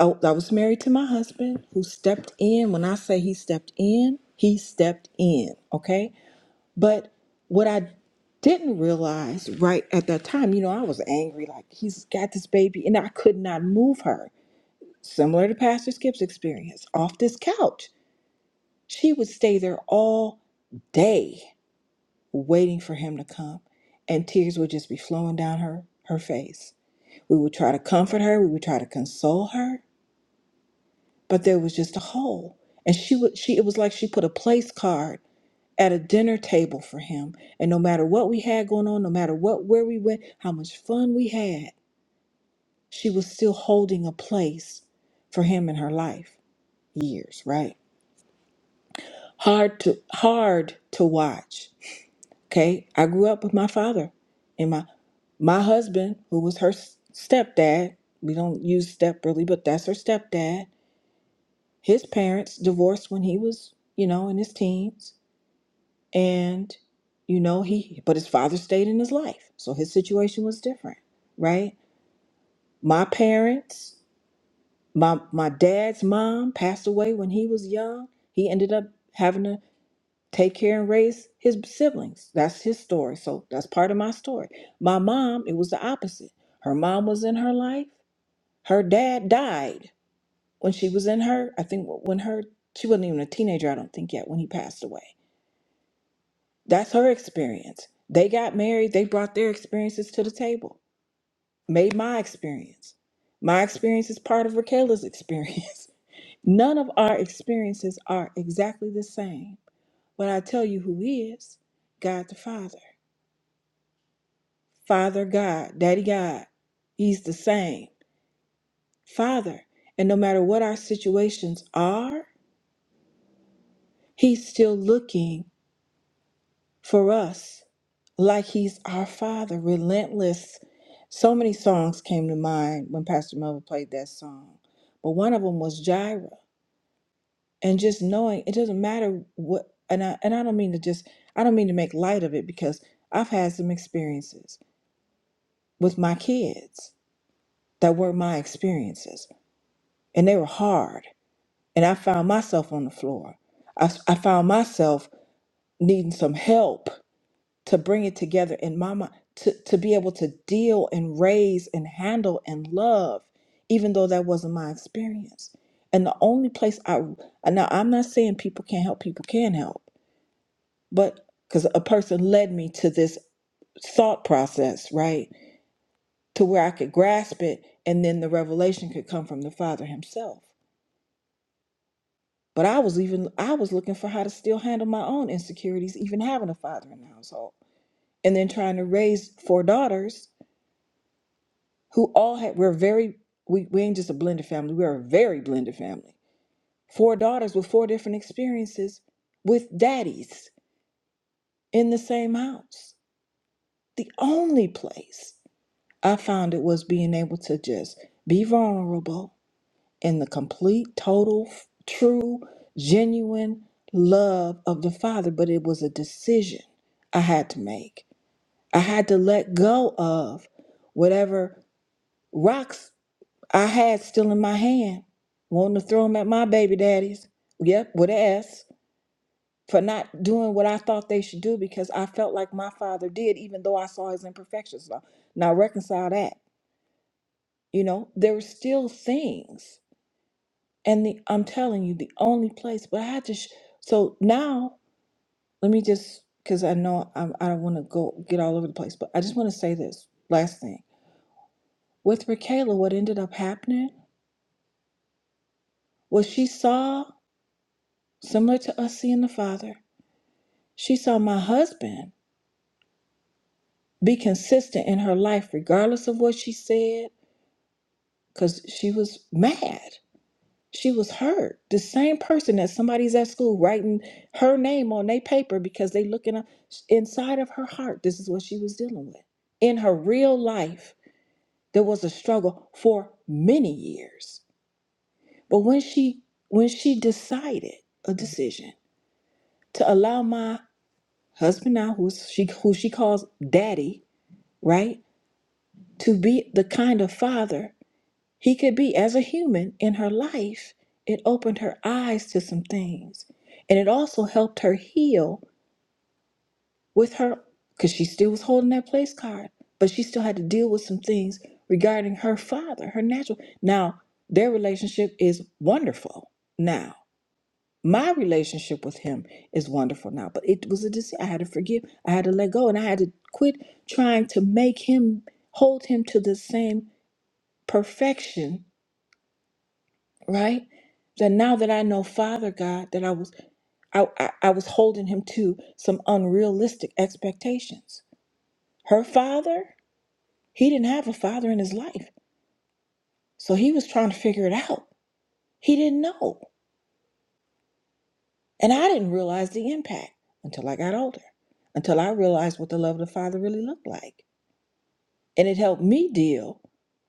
I, I was married to my husband who stepped in. When I say he stepped in, he stepped in, okay? But what I didn't realize right at that time, you know, I was angry, like he's got this baby, and I could not move her. Similar to Pastor Skip's experience, off this couch. She would stay there all day waiting for him to come, and tears would just be flowing down her, her face. We would try to comfort her, we would try to console her, but there was just a hole and she would she it was like she put a place card at a dinner table for him and no matter what we had going on no matter what where we went how much fun we had she was still holding a place for him in her life years right hard to hard to watch okay i grew up with my father and my my husband who was her s- stepdad we don't use step really but that's her stepdad his parents divorced when he was you know in his teens and you know he but his father stayed in his life so his situation was different right my parents my my dad's mom passed away when he was young he ended up having to take care and raise his siblings that's his story so that's part of my story my mom it was the opposite her mom was in her life her dad died when she was in her i think when her she wasn't even a teenager i don't think yet when he passed away That's her experience. They got married, they brought their experiences to the table, made my experience. My experience is part of Raquel's experience. None of our experiences are exactly the same, but I tell you who is God the Father. Father God, Daddy God, He's the same. Father. And no matter what our situations are, He's still looking for us, like He's our Father, relentless. So many songs came to mind when Pastor Melvin played that song, but one of them was Jireh, and just knowing it doesn't matter what. And I and I don't mean to just I don't mean to make light of it because I've had some experiences with my kids that were my experiences, and they were hard, and I found myself on the floor. I, I found myself needing some help to bring it together in mama to, to be able to deal and raise and handle and love even though that wasn't my experience and the only place i and now i'm not saying people can't help people can help but because a person led me to this thought process right to where i could grasp it and then the revelation could come from the father himself but i was even i was looking for how to still handle my own insecurities even having a father in the household and then trying to raise four daughters who all had we're very we, we ain't just a blended family we're a very blended family four daughters with four different experiences with daddies in the same house the only place i found it was being able to just be vulnerable in the complete total f- true genuine love of the father but it was a decision i had to make i had to let go of whatever rocks I had still in my hand, wanting to throw them at my baby daddies. Yep, with an S for not doing what I thought they should do because I felt like my father did, even though I saw his imperfections. Now, now reconcile that. You know, there were still things, and the I'm telling you, the only place. But I had to. Sh- so now, let me just because I know I'm, I don't want to go get all over the place, but I just want to say this last thing with Rakayla. What ended up happening was she saw similar to us seeing the father. She saw my husband be consistent in her life, regardless of what she said, because she was mad. She was hurt. The same person that somebody's at school writing her name on their paper because they looking up inside of her heart. This is what she was dealing with. In her real life, there was a struggle for many years. But when she when she decided a decision to allow my husband now, who's she who she calls daddy, right? to be the kind of father he could be as a human in her life, it opened her eyes to some things. And it also helped her heal with her, because she still was holding that place card, but she still had to deal with some things regarding her father, her natural. Now, their relationship is wonderful now. My relationship with him is wonderful now, but it was a decision. I had to forgive, I had to let go, and I had to quit trying to make him hold him to the same perfection, right? That now that I know Father God, that I was I, I, I was holding him to some unrealistic expectations. Her father, he didn't have a father in his life. So he was trying to figure it out. He didn't know. And I didn't realize the impact until I got older, until I realized what the love of the Father really looked like. And it helped me deal.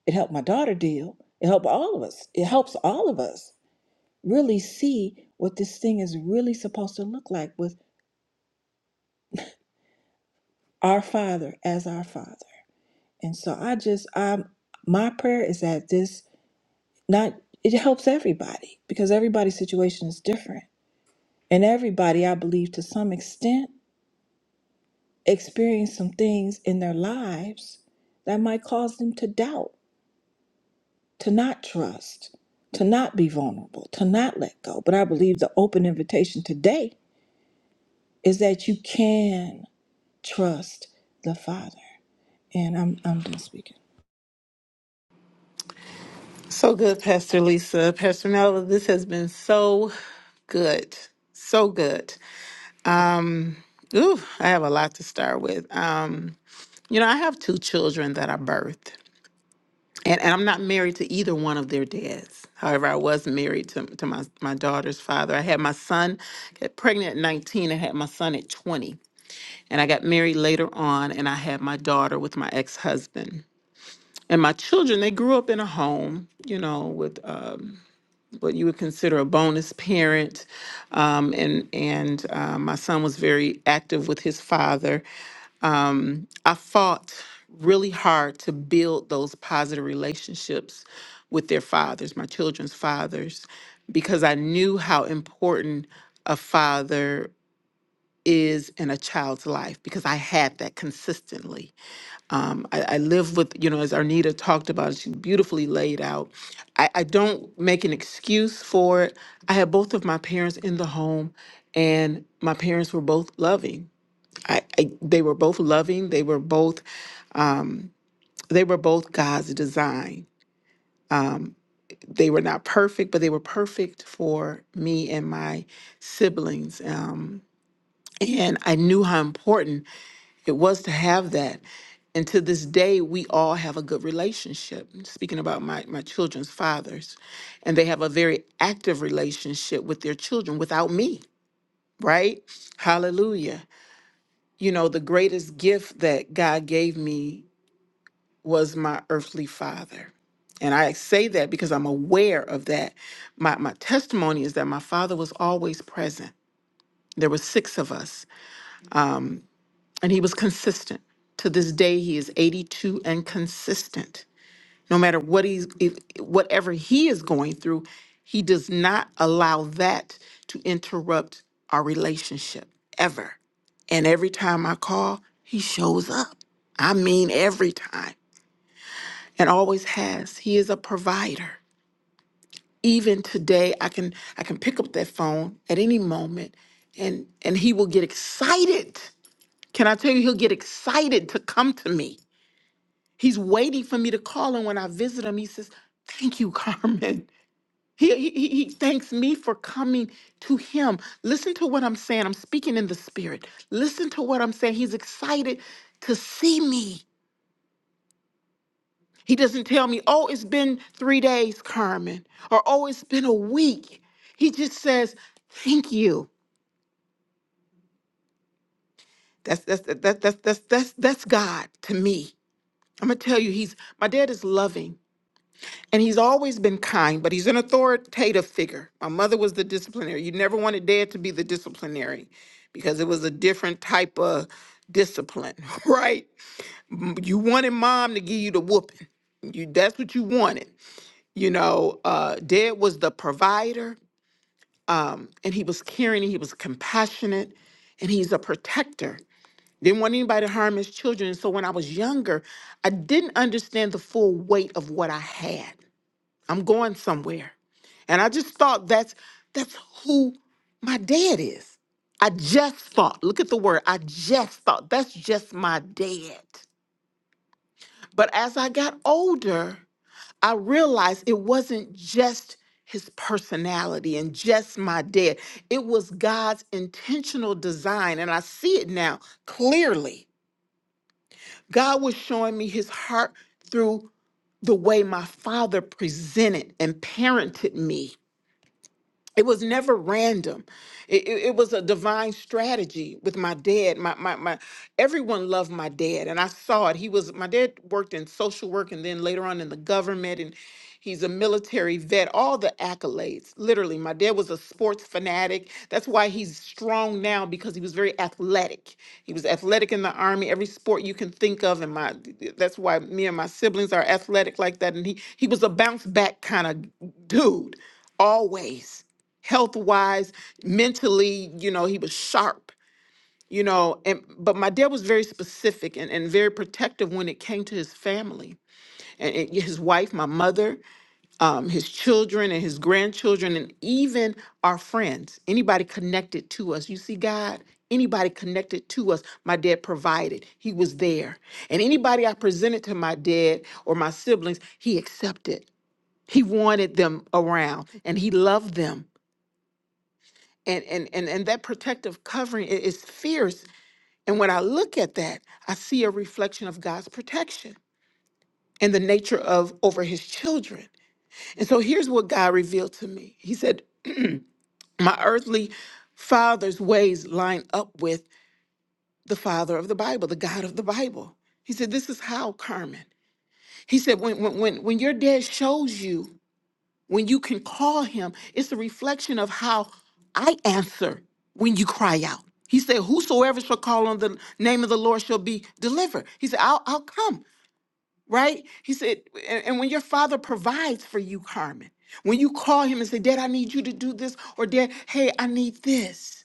It helped my daughter deal. It helped all of us. It helps all of us really see what this thing is really supposed to look like with our father as our father and so i just um my prayer is that this not it helps everybody because everybody's situation is different and everybody i believe to some extent experience some things in their lives that might cause them to doubt to not trust to not be vulnerable to not let go but i believe the open invitation today is that you can trust the Father. And I'm I'm done speaking.
So good, Pastor Lisa. Pastor Melville, this has been so good. So good. Um, ooh, I have a lot to start with. Um, you know, I have two children that I birthed. And, and I'm not married to either one of their dads. However, I was married to, to my, my daughter's father. I had my son, got pregnant at 19. I had my son at 20. And I got married later on, and I had my daughter with my ex husband. And my children, they grew up in a home, you know, with uh, what you would consider a bonus parent. Um, and and uh, my son was very active with his father. I fought really hard to build those positive relationships with their fathers, my children's fathers, because I knew how important a father is in a child's life because I had that consistently Um, I, I live with, you know, as Arnita talked about, she beautifully laid out. I, I don't make an excuse for it. I had both of my parents in the home, and my parents were both loving. I, I they were both loving. They were both they were both God's design. They were not perfect, but they were perfect for me and my siblings. Um, and I knew how important It was to have that. And to this day, we all have a good relationship. Speaking about my, my children's fathers, and they have a very active relationship with their children without me, right? Hallelujah. You know, the greatest gift that God gave me was my earthly father. And I say that because I'm aware of that. My, my testimony is that my father was always present. There were six of us, and he was consistent. To this day, he is 82 and consistent no matter what he's if, whatever he is going through he does not allow that to interrupt our relationship ever and every time i call he shows up i mean every time and always has he is a provider even today i can i can pick up that phone at any moment and and he will get excited can i tell you he'll get excited to come to me he's waiting for me to call him when i visit him he says thank you carmen He, he, he he thanks me for coming to him. Listen to what I'm saying. I'm speaking in the spirit. Listen to what I'm saying. He's excited to see me. He doesn't tell me, oh, it's been three days, Carmen, or oh, it's been a week. He just says, thank you. That's that's that, that, that's that's that's that's God to me. I'm gonna tell you, he's my dad is loving. And he's always been kind, but he's an authoritative figure. My mother was the disciplinary. You never wanted dad to be the disciplinary because it was a different type of discipline, right? M- You wanted mom to give you the whooping. You that's what you wanted. You know, uh dad was the provider, um, and he was caring, he was compassionate, and he's a protector. Didn't want anybody to harm his children. So when I was younger, I didn't understand the full weight of what I had. I'm going somewhere. And I just thought that's that's who my dad is. I just thought, look at the word, I just thought that's just my dad. But as I got older, I realized it wasn't just his personality and just my dad. It was God's intentional design. And I see it now clearly. God was showing me his heart through the way my father presented and parented me it was never random. It, it, it was a divine strategy with my dad. My, my my everyone loved my dad, and I saw it. He was my dad worked in social work, and then later on in the government, and he's a military vet. All the accolades, literally. My dad was a sports fanatic. That's why he's strong now because he was very athletic. He was athletic in the army, every sport you can think of, and my that's why me and my siblings are athletic like that. And he he was a bounce back kind of dude always health wise, mentally, you know, he was sharp, you know, and but my dad was very specific and, and very protective when it came to his family and, and his wife, my mother, um, his children and his grandchildren, and even our friends, anybody connected to us. You see, God, anybody connected to us, my dad provided. He was there. And anybody I presented to my dad or my siblings, he accepted. He wanted them around and he loved them and and and, and that protective covering i- is fierce and when i look at that i see a reflection of god's protection and the nature of over his children and so here's what god revealed to me he said my earthly father's ways line up with the father of the bible the god of the bible he said this is how carmen he said when when when, when your dad shows you when you can call him, it's a reflection of how I answer when you cry out. He said, Whosoever shall call on the name of the Lord shall be delivered. He said, I'll, I'll come, right? He said, and, and when your father provides for you, Carmen, when you call him and say, Dad, I need you to do this, or Dad, hey, I need this,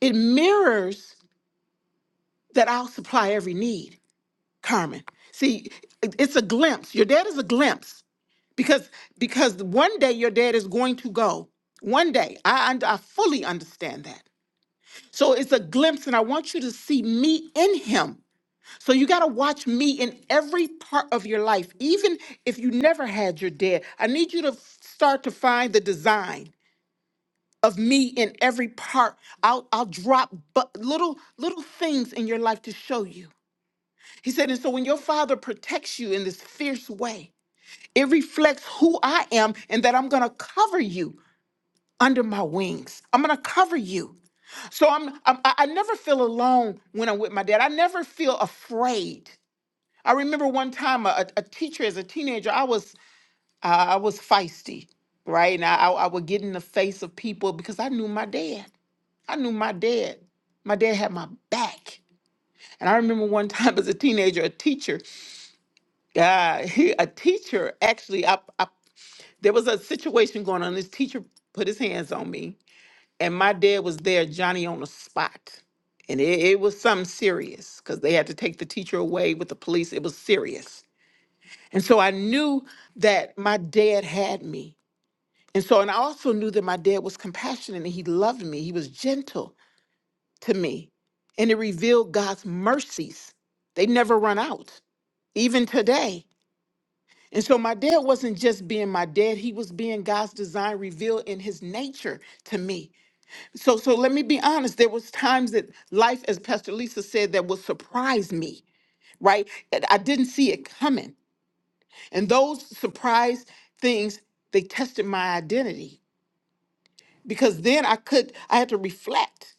it mirrors that I'll supply every need, Carmen. See, it- it's a glimpse. Your dad is a glimpse because because one day your dad is going to go one day i und- i fully understand that so it's a glimpse and i want you to see me in him so you got to watch me in every part of your life even if you never had your dad i need you to f- start to find the design of me in every part i'll i'll drop but little little things in your life to show you he said and so when your father protects you in this fierce way it reflects who I am and that I'm going to cover you under my wings. I'm gonna cover you. So I'm, I'm I I never feel alone when I'm with my dad. I never feel afraid. I remember one time a, a a teacher as a teenager, I was uh, I was feisty, right? And I, I I would get in the face of people because I knew my dad. I knew my dad. My dad had my back. And I remember one time as a teenager, a teacher, uh, he, a teacher actually, I, I, there was a situation going on. This teacher put his hands on me and my dad was there, Johnny on the spot. And it, it was something serious because they had to take the teacher away with the police. It was serious. And so I knew that my dad had me. And so, and I also knew that my dad was compassionate and he loved me. He was gentle to me. And it revealed God's mercies. They never run out, even today. And so, my dad wasn't just being my dad, he was being God's design revealed in his nature to me. So so let me be honest. There was times that life, as Pastor Lisa said, that would surprise me, right? That I didn't see it coming. And those surprise things, they tested my identity because then I could I had to reflect.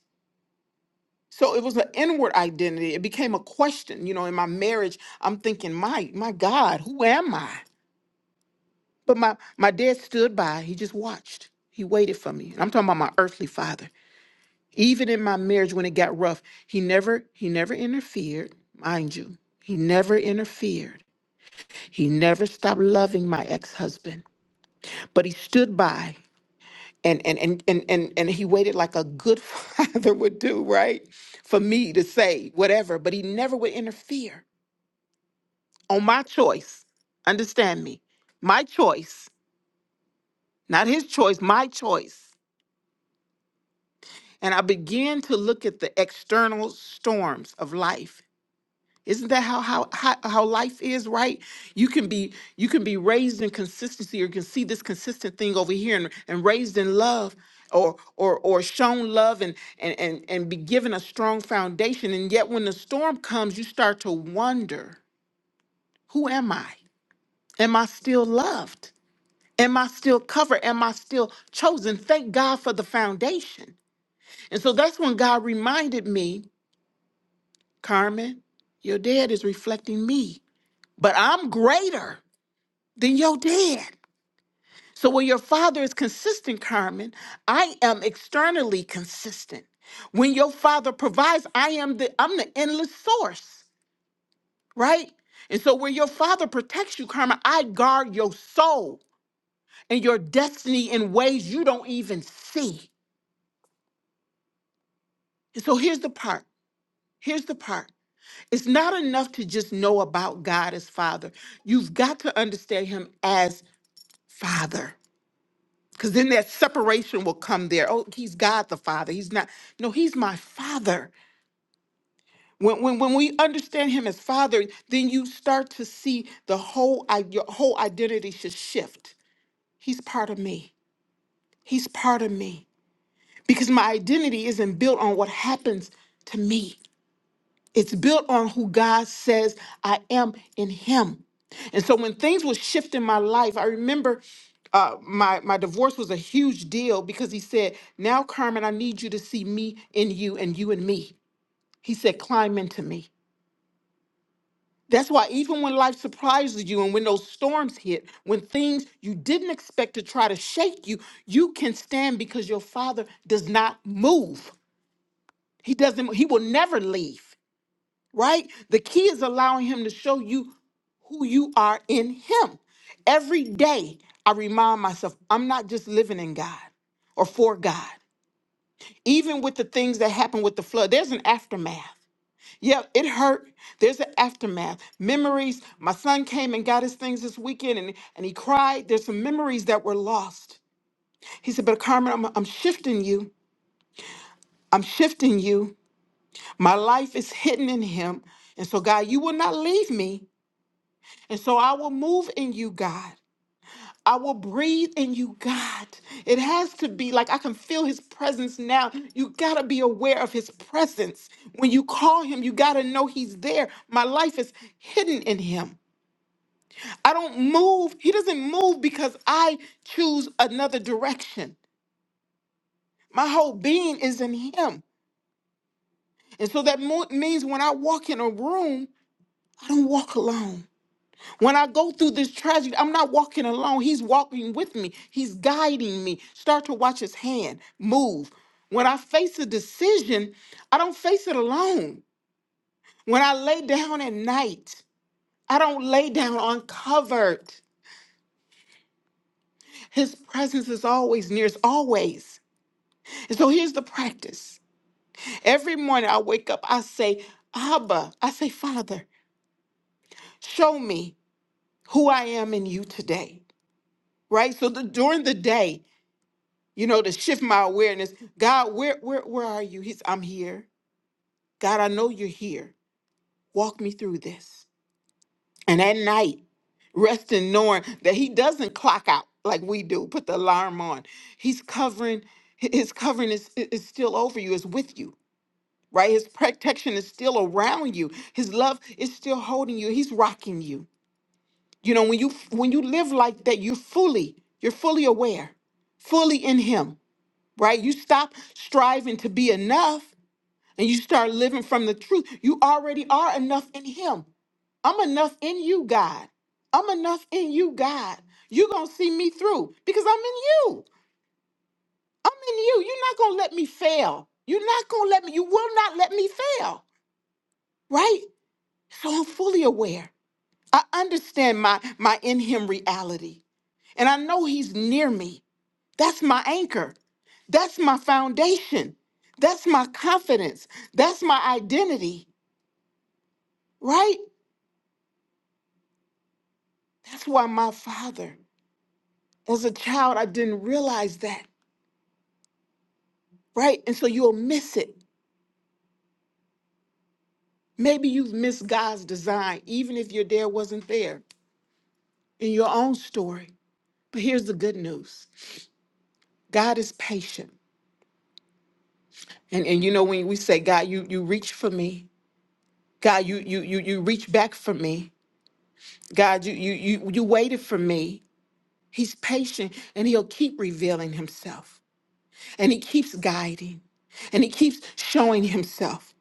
So it was an inward identity. It became a question. You know, in my marriage, I'm thinking, my my God, who am I? But my my dad stood by. He just watched. He waited for me. And I'm talking about my earthly father. Even in my marriage when it got rough, he never he never interfered, mind you. He never interfered. He never stopped loving my ex-husband, but he stood by and and and and and, and he waited like a good father would do, right? For me to say whatever, but he never would interfere on my choice. Understand me? My choice, not his choice, my choice. And I began to look at the external storms of life Isn't that how, how how how life is, right? You can be you can be raised in consistency, or you can see this consistent thing over here, and, and raised in love, or or or shown love, and and and and be given a strong foundation. And yet, when the storm comes, you start to wonder, who am I? Am I still loved? Am I still covered? Am I still chosen? Thank God for the foundation. And so that's when God reminded me, Carmen, your dad is reflecting me, but I'm greater. then you're dead. So when your father is consistent, Carmen, I am externally consistent. When your father provides, I am the I'm the endless source, right? And so when your father protects you, Carmen, I guard your soul and your destiny in ways you don't even see. And so here's the part. Here's the part. It's not enough to just know about God as Father. You've got to understand Him as Father. Because then that separation will come there. Oh, he's God the Father. He's not. No, he's my Father. When, when, when we understand him as Father, then you start to see the whole, i- your whole identity should shift. He's part of me. He's part of me. Because my identity isn't built on what happens to me. It's built on who God says I am in Him. And so when things will shift in my life, I remember uh, my my divorce was a huge deal because he said, "Now, Carmen, I need you to see me in you and you in me." He said, "Climb into me." That's why even when life surprises you and when those storms hit, when things you didn't expect to try to shake you, you can stand because your Father does not move. He doesn't. He will never leave. right? The key is allowing him to show you who you are in him. Every day, I remind myself, I'm not just living in God or for God. Even with the things that happened with the flood, there's an aftermath. Yeah, it hurt. There's an aftermath. Memories. My son came and got his things this weekend and, and he cried. There's some memories that were lost. He said, But Carmen, I'm, I'm shifting you. I'm shifting you. My life is hidden in him. And so, God, you will not leave me. And so I will move in you, God. I will breathe in you, God. It has to be like I can feel his presence now. You got to be aware of his presence. When you call him, you got to know he's there. My life is hidden in him. I don't move. He doesn't move because I choose another direction. My whole being is in him. And so that mo- means when I walk in a room, I don't walk alone. When I go through this tragedy, I'm not walking alone. He's walking with me, He's guiding me. Start to watch His hand move. When I face a decision, I don't face it alone. When I lay down at night, I don't lay down uncovered. His presence is always near, it's always. And so here's the practice. Every morning I wake up, I say, Abba, I say, Father, show me who I am in you today, right? So the, during the day, you know, to shift my awareness. God, where where where are you? He's I'm here. God, I know you're here. Walk me through this. And at night, resting knowing that he doesn't clock out like we do, put the alarm on. He's covering hi- his covering is i- is still over you, is with you, right? His protection is still around you. His love is still holding you. He's rocking you. You know, when you f- when you live like that, you're fully, you're fully aware, fully in him right? You stop striving to be enough and you start living from the truth. You already are enough in Him. I'm enough in you, God. I'm enough in you, God. You're going to see me through because I'm in you. I'm in you. You're not going to let me fail. You're not going to let me, you will not let me fail, right? So I'm fully aware. I understand my, my in Him reality and I know He's near me. That's my anchor. That's my foundation. That's my confidence. That's my identity, right? That's why my father, as a child, I didn't realize that, right? And so you'll miss it. Maybe you've missed God's design, even if your dad wasn't there in your own story. But here's the good news God is patient. And, and you know, when we say, God, you, you reach for me, God, you, you, you, you reach back for me, God, you, you, you, you waited for me, He's patient and he'll keep revealing himself. And he keeps guiding and he keeps showing himself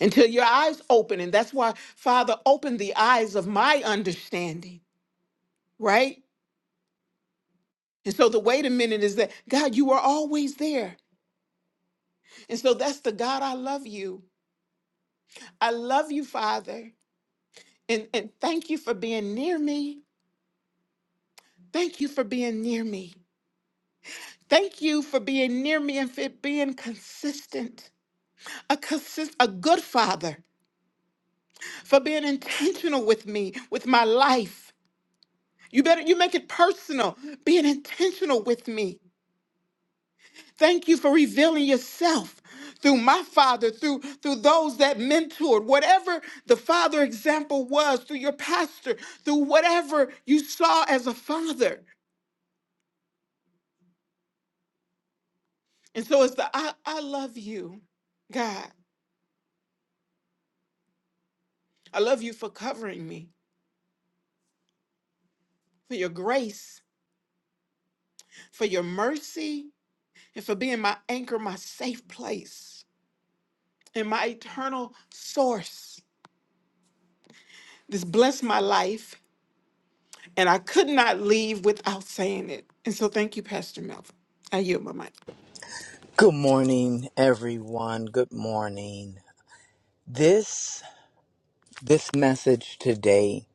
until your eyes open. And that's why, Father, open the eyes of my understanding, right? And so the wait a minute is that, God, you are always there. And so that's the God I love you. I love you, Father. And, and thank you for being near me. Thank you for being near me. Thank you for being near me and for being consistent. A consist, a good father for being intentional with me, with my life. You better you make it personal, being intentional with me. Thank you for revealing yourself through my father, through through those that mentored, whatever the father example was, through your pastor, through whatever you saw as a father. And so it's the I, I love you, God. I love you for covering me, for your grace, for your mercy, and for being my anchor, my safe place. and my eternal source. This blessed my life, and I could not leave without saying it. And so, thank you, Pastor Melvin. I yield my mic.
Good morning, everyone. Good morning. This this message today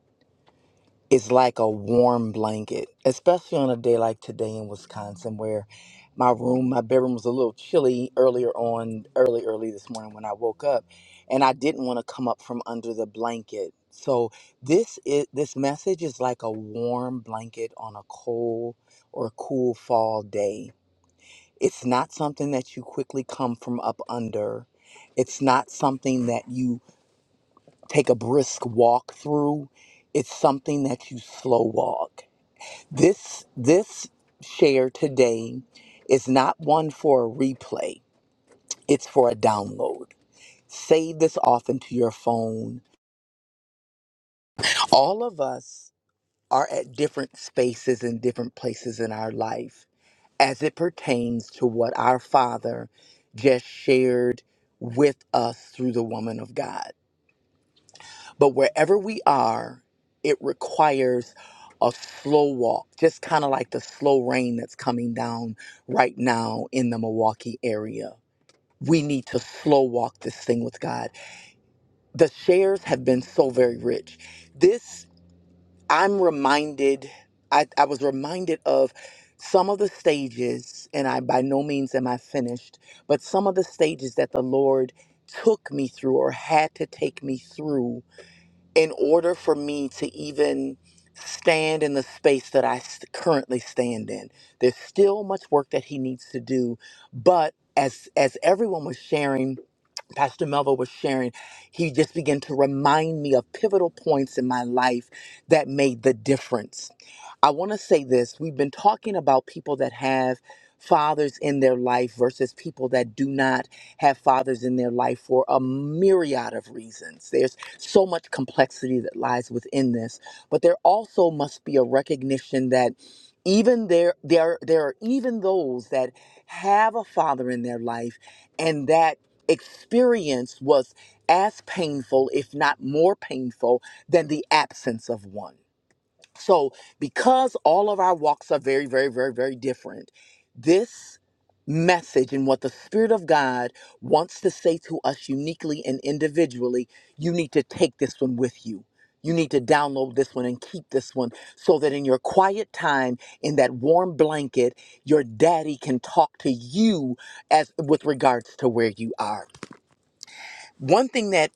is like a warm blanket, especially on a day like today in Wisconsin, where my room, my bedroom was a little chilly earlier on, early, early this morning when I woke up, and I didn't want to come up from under the blanket. So this is this message is like a warm blanket on a cold or cool fall day It's not something that you quickly come from up under. It's not something that you take a brisk walk through. It's something that you slow walk. This this share today is not one for a replay. It's for a download. Save this off into your phone. All of us are at different spaces and different places in our life as it pertains to what our Father just shared with us through the woman of God. But wherever we are, it requires a slow walk, just kind of like the slow rain that's coming down right now in the Milwaukee area. We need to slow walk this thing with God. The shares have been so very rich. This I'm reminded, I, I was reminded of some of the stages, and I by no means am I finished, but some of the stages that the Lord took me through or had to take me through in order for me to even stand in the space that I s- currently stand in. There's still much work that He needs to do, but as as everyone was sharing Pastor Melville was sharing, he just began to remind me of pivotal points in my life that made the difference. I want to say this we've been talking about people that have fathers in their life versus people that do not have fathers in their life for a myriad of reasons. There's so much complexity that lies within this, but there also must be a recognition that even there there there are even those that have a father in their life and that experience was as painful, if not more painful, than the absence of one. So, because all of our walks are very, very, very, very different, this message and what the Spirit of God wants to say to us uniquely and individually, you need to take this one with you. You need to download this one and keep this one so that in your quiet time, in that warm blanket, your daddy can talk to you as with regards to where you are one thing that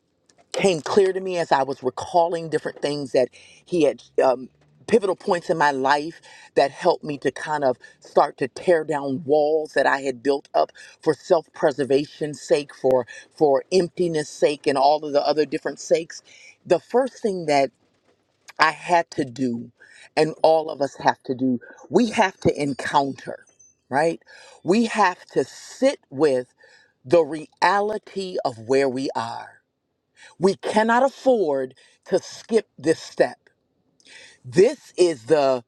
came clear to me as I was recalling different things that he had um, pivotal points in my life that helped me to kind of start to tear down walls that I had built up for self-preservation's sake, for for emptiness sake, and all of the other different sakes. The first thing that I had to do, and all of us have to do, we have to encounter, right? We have to sit with the reality of where we are we cannot afford to skip this step. This is the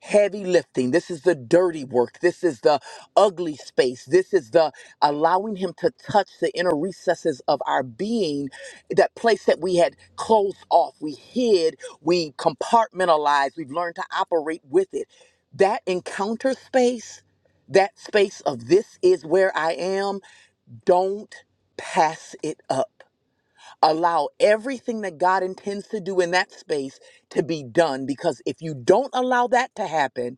heavy lifting. This is the dirty work. This is the ugly space. This is the allowing Him to touch the inner recesses of our being, that place that we had closed off, we hid, we compartmentalized, we've learned to operate with it. That encounter space, that space of this is where I am, don't pass it up allow everything that God intends to do in that space to be done because if you don't allow that to happen,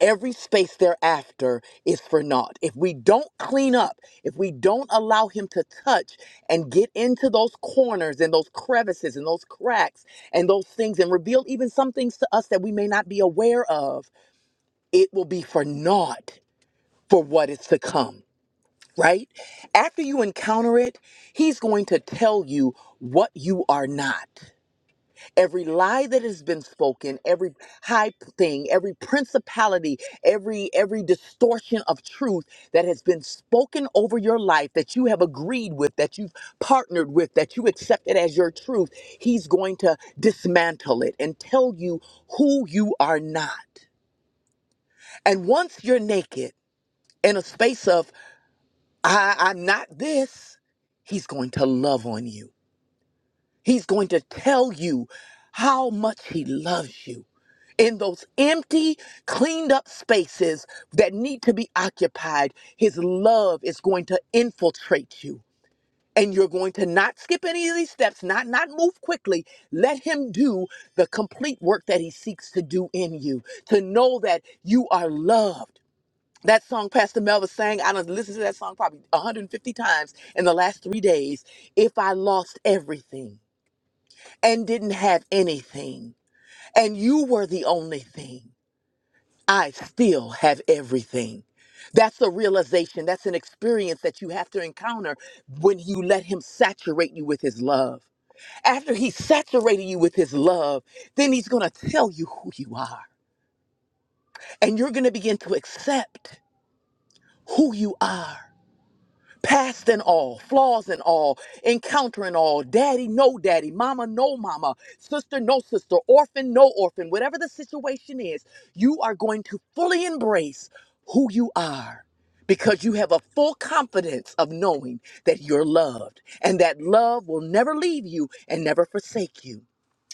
every space thereafter is for naught. If we don't clean up, if we don't allow Him to touch and get into those corners and those crevices and those cracks and those things and reveal even some things to us that we may not be aware of, it will be for naught for what is to come. Right? After you encounter it, he's going to tell you what you are not every lie that has been spoken every high p- thing every principality every every distortion of truth that has been spoken over your life that you have agreed with that you've partnered with that you accepted as your truth he's going to dismantle it and tell you who you are not and once you're naked in a space of I, i'm not this he's going to love on you he's going to tell you how much he loves you in those empty, cleaned up spaces that need to be occupied, His love is going to infiltrate you. And you're going to not skip any of these steps, not not move quickly. Let him do the complete work that he seeks to do in you. To know that you are loved. That song Pastor Melva sang, I done listened to that song probably 150 times in the last three days. If I lost everything and didn't have anything, and you were the only thing. I still have everything. That's a realization. That's an experience that you have to encounter when you let Him saturate you with His love. After He saturated you with His love, then He's going to tell you who you are. And you're going to begin to accept who you are. past and all, flaws and all, encountering all, daddy, no daddy, mama, no mama, sister, no sister, orphan, no orphan, whatever the situation is, you are going to fully embrace who you are because you have a full confidence of knowing that you're loved and that love will never leave you and never forsake you.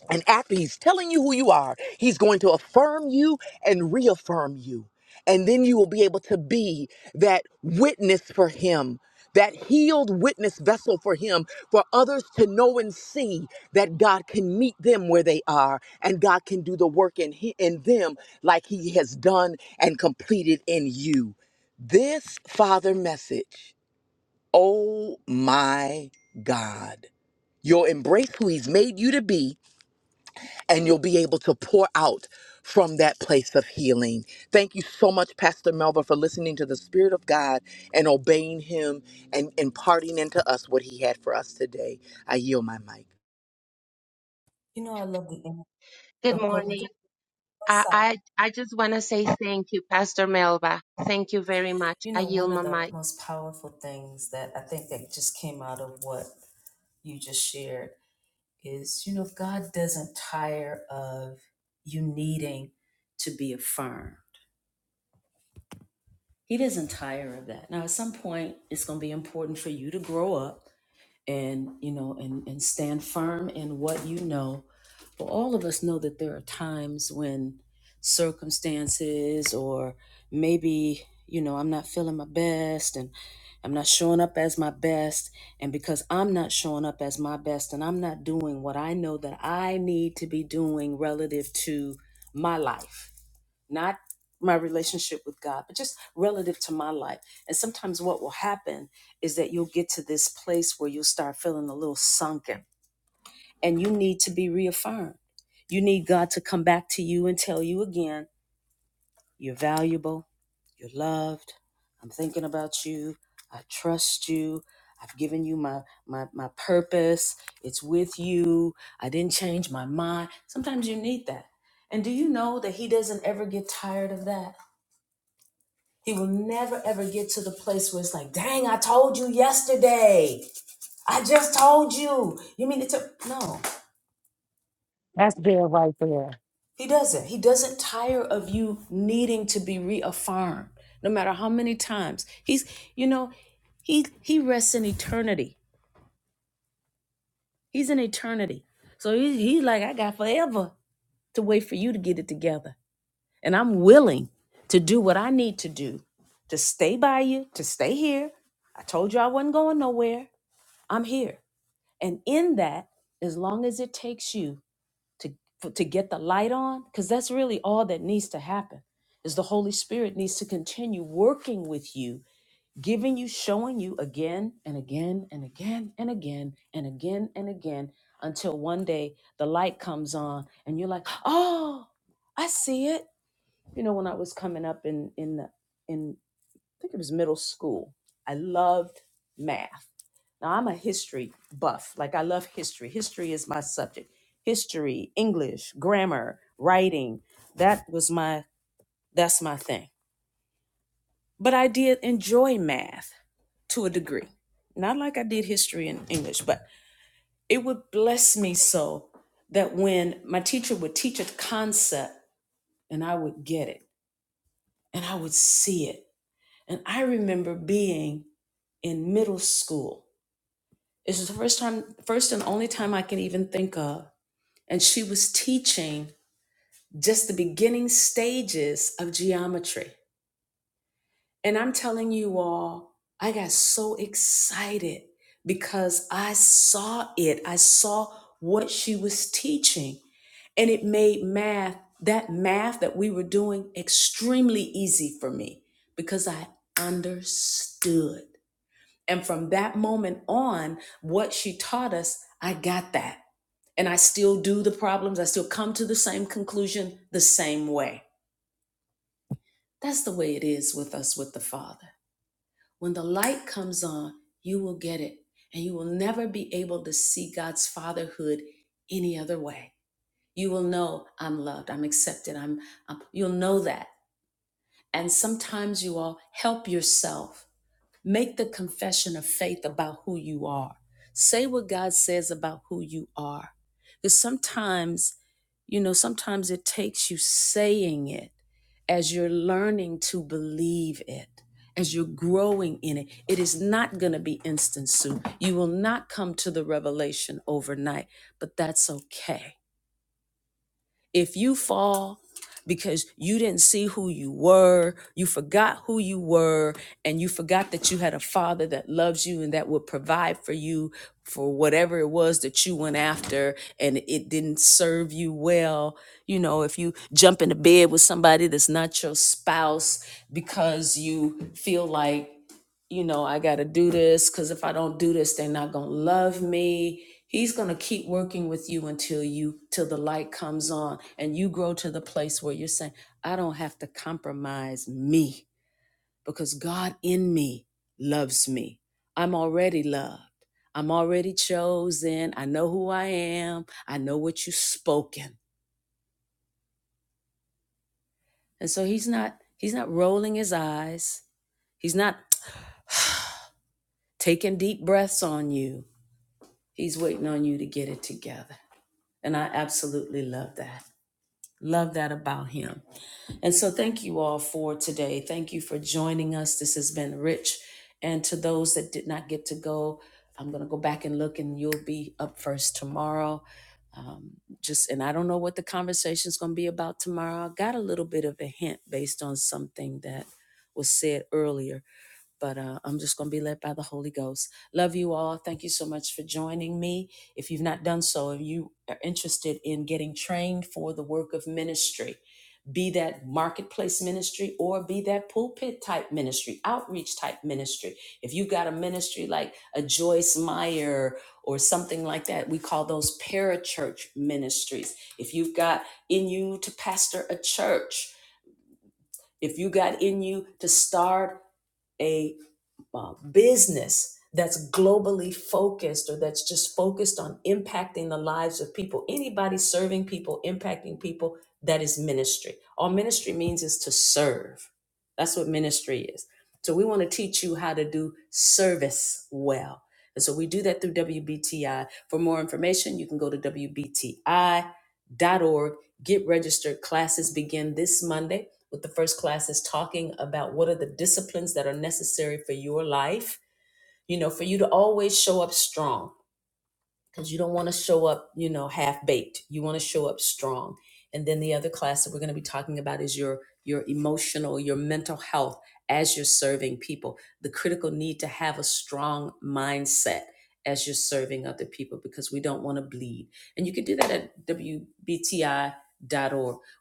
And after he's telling you who you are, he's going to affirm you and reaffirm you. And then you will be able to be that witness for him, that healed witness vessel for him, for others to know and see that God can meet them where they are and God can do the work in, he, in them like he has done and completed in you. This father message, oh my God, you'll embrace who he's made you to be and you'll be able to pour out from that place of healing. Thank you so much, Pastor Melva, for listening to the Spirit of God and obeying Him and imparting into us what He had for us today. I yield my mic.
You know, I love the image
Good
of God. We get
morning. I, I, I just want to say thank you, Pastor Melba. Thank you very much.
You
I
know,
yield
one of
my mic.
the most powerful things that I think that just came out of what you just shared is, you know, God doesn't tire of you needing to be affirmed. He doesn't tire of that. Now, at some point, it's going to be important for you to grow up and you know and and stand firm in what you know but all of us know that there are times when circumstances or maybe you know i'm not feeling my best and i'm not showing up as my best and because i'm not showing up as my best and i'm not doing what i know that i need to be doing relative to my life not my relationship with God, but just relative to my life. And sometimes what will happen is that you'll get to this place where you'll start feeling a little sunken and you need to be reaffirmed. You need God to come back to you and tell you again, you're valuable, you're loved, I'm thinking about you, I trust you. I've given you my, my my purpose. It's with you. I didn't change my mind. Sometimes you need that. And do you know that he doesn't ever get tired of that? He will never ever get to the place where it's like, dang, I told you yesterday. I just told you. You mean it took no.
That's good right there.
He doesn't. He doesn't tire of you needing to be reaffirmed, no matter how many times. He's, you know, he he rests in eternity. He's in eternity. So he, he's like, I got forever to wait for you to get it together. And I'm willing to do what I need to do to stay by you, to stay here. I told you I wasn't going nowhere. I'm here. And in that, as long as it takes you to for, to get the light on, because that's really all that needs to happen, is the Holy Spirit needs to continue working with you, giving you, showing you again and again and again and again and again and again until one day the light comes on and you're like, oh, I see it. You know, when I was coming up in in the in think it was middle school. I loved math. Now I'm a history buff. Like I love history. History is my subject. History, English, grammar, writing. That was my that's my thing. But I did enjoy math to a degree. Not like I did history and English, but it would bless me so that when my teacher would teach a concept and I would get it and I would see it. And I remember being in middle school This is the first time, first and only time I can even think of. And she was teaching just the beginning stages of geometry. And I'm telling you all, I got so excited because I saw it. I saw what she was teaching. And it made math, that math that we were doing, extremely easy for me because I understood. And from that moment on, what she taught us, I got that and I still do the problems. I still come to the same conclusion the same way. That's the way it is with us with the Father. When the light comes on, you will get it, and you will never be able to see God's fatherhood any other way. You will know I'm loved, I'm accepted, I'm, I'm- you'll know that. And sometimes you all help yourself Make the confession of faith about who you are. Say what God says about who you are. Because sometimes, you know, sometimes it takes you saying it as you're learning to believe it, as you're growing in it. It is not going to be instant soup. You will not come to the revelation overnight, but that's okay if you fall because you didn't see who you were, you forgot who you were, and you forgot that you had a father that loves you and that would provide for you for whatever it was that you went after and it didn't serve you well. You know, if you jump into bed with somebody that's not your spouse because you feel like you know, I got to do this because if I don't do this, they're not going to love me. He's going to keep working with you until you, till the light comes on and you grow to the place where you're saying, I don't have to compromise me because God in me loves me. I'm already loved. I'm already chosen. I know who I am. I know what you've spoken. And so he's not, he's not rolling his eyes. He's not taking deep breaths on you. He's waiting on you to get it together. And I absolutely love that. Love that about him. And so thank you all for today. Thank you for joining us. This has been rich. And to those that did not get to go, I'm going to go back and look, and you'll be up first tomorrow. Um, just and I don't know what the conversation is going to be about tomorrow. I got a little bit of a hint based on something that was said earlier but uh, I'm just going to be led by the Holy Ghost. Love you all. Thank you so much for joining me. If you've not done so, if you are interested in getting trained for the work of ministry, be that marketplace ministry or be that pulpit type ministry, outreach type ministry. If you've got a ministry like a Joyce Meyer or something like that, we call those parachurch ministries. If you've got in you to pastor a church, if you got in you to start a uh, business that's globally focused or that's just focused on impacting the lives of people, anybody serving people, impacting people, that is ministry. All ministry means is to serve. That's what ministry is. So we want to teach you how to do service well. And so we do that through WBTI. For more information, you can go to wbti dot org. get registered. Classes begin this Monday with the first class is talking about what are the disciplines that are necessary for your life, you know, for you to always show up strong because you don't want to show up, you know, half baked. You want to show up strong. And then the other class that we're going to be talking about is your your emotional, your mental health as you're serving people. The critical need to have a strong mindset as you're serving other people because we don't want to bleed. And you can do that at wbti.org.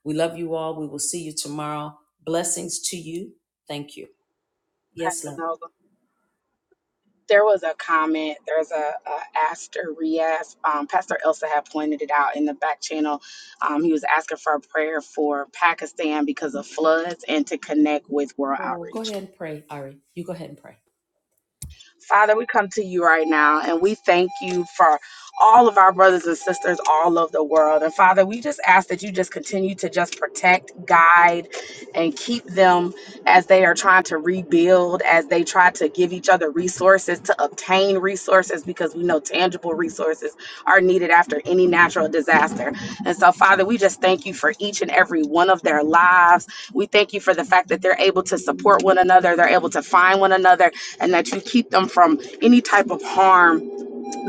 We love you all. We will see you tomorrow. Blessings to you. Thank you. Yes,
Pastor
love.
Melba. there was a comment. There's a, a Aster Rias. Um, Pastor Elsa had pointed it out in the back channel. Um, he was asking for a prayer for Pakistan because of floods and to connect with World
Oh, go
Outreach.
ahead and pray, Ari. You go ahead and pray.
Father, we come to you right now and we thank you for all of our brothers and sisters all over the world. And Father, we just ask that you just continue to just protect, guide, and keep them as they are trying to rebuild, as they try to give each other resources, to obtain resources, because we know tangible resources are needed after any natural disaster. And so, Father, we just thank you for each and every one of their lives. We thank you for the fact that they're able to support one another, they're able to find one another, and that you keep them from any type of harm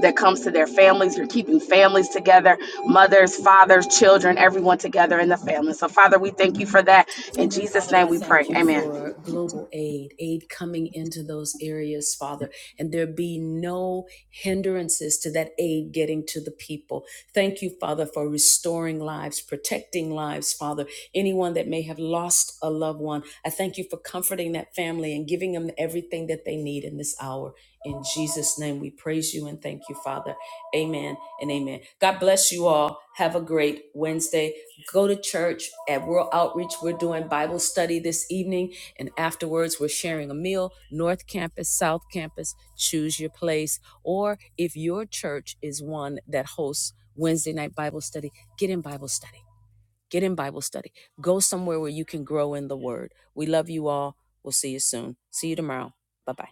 that comes to their families. You're keeping families together, mothers, fathers, children, everyone together in the family. So, Father, we thank you for that. In
And then,
Jesus'
Father,
name
I
we pray.
thank you
Amen.
for global aid, aid coming into those areas, Father, and there be no hindrances to that aid getting to the people. Thank you, Father, for restoring lives, protecting lives, Father. Anyone that may have lost a loved one, I thank you for comforting that family and giving them everything that they need in this hour. In Jesus' name, we praise you and thank you, Father. Amen and amen. God bless you all. Have a great Wednesday. Go to church at World Outreach. We're doing Bible study this evening, and afterwards, we're sharing a meal. North Campus, South Campus, choose your place. Or if your church is one that hosts Wednesday night Bible study, get in Bible study. Get in Bible study. Go somewhere where you can grow in the Word. We love you all. We'll see you soon. See you tomorrow. Bye bye.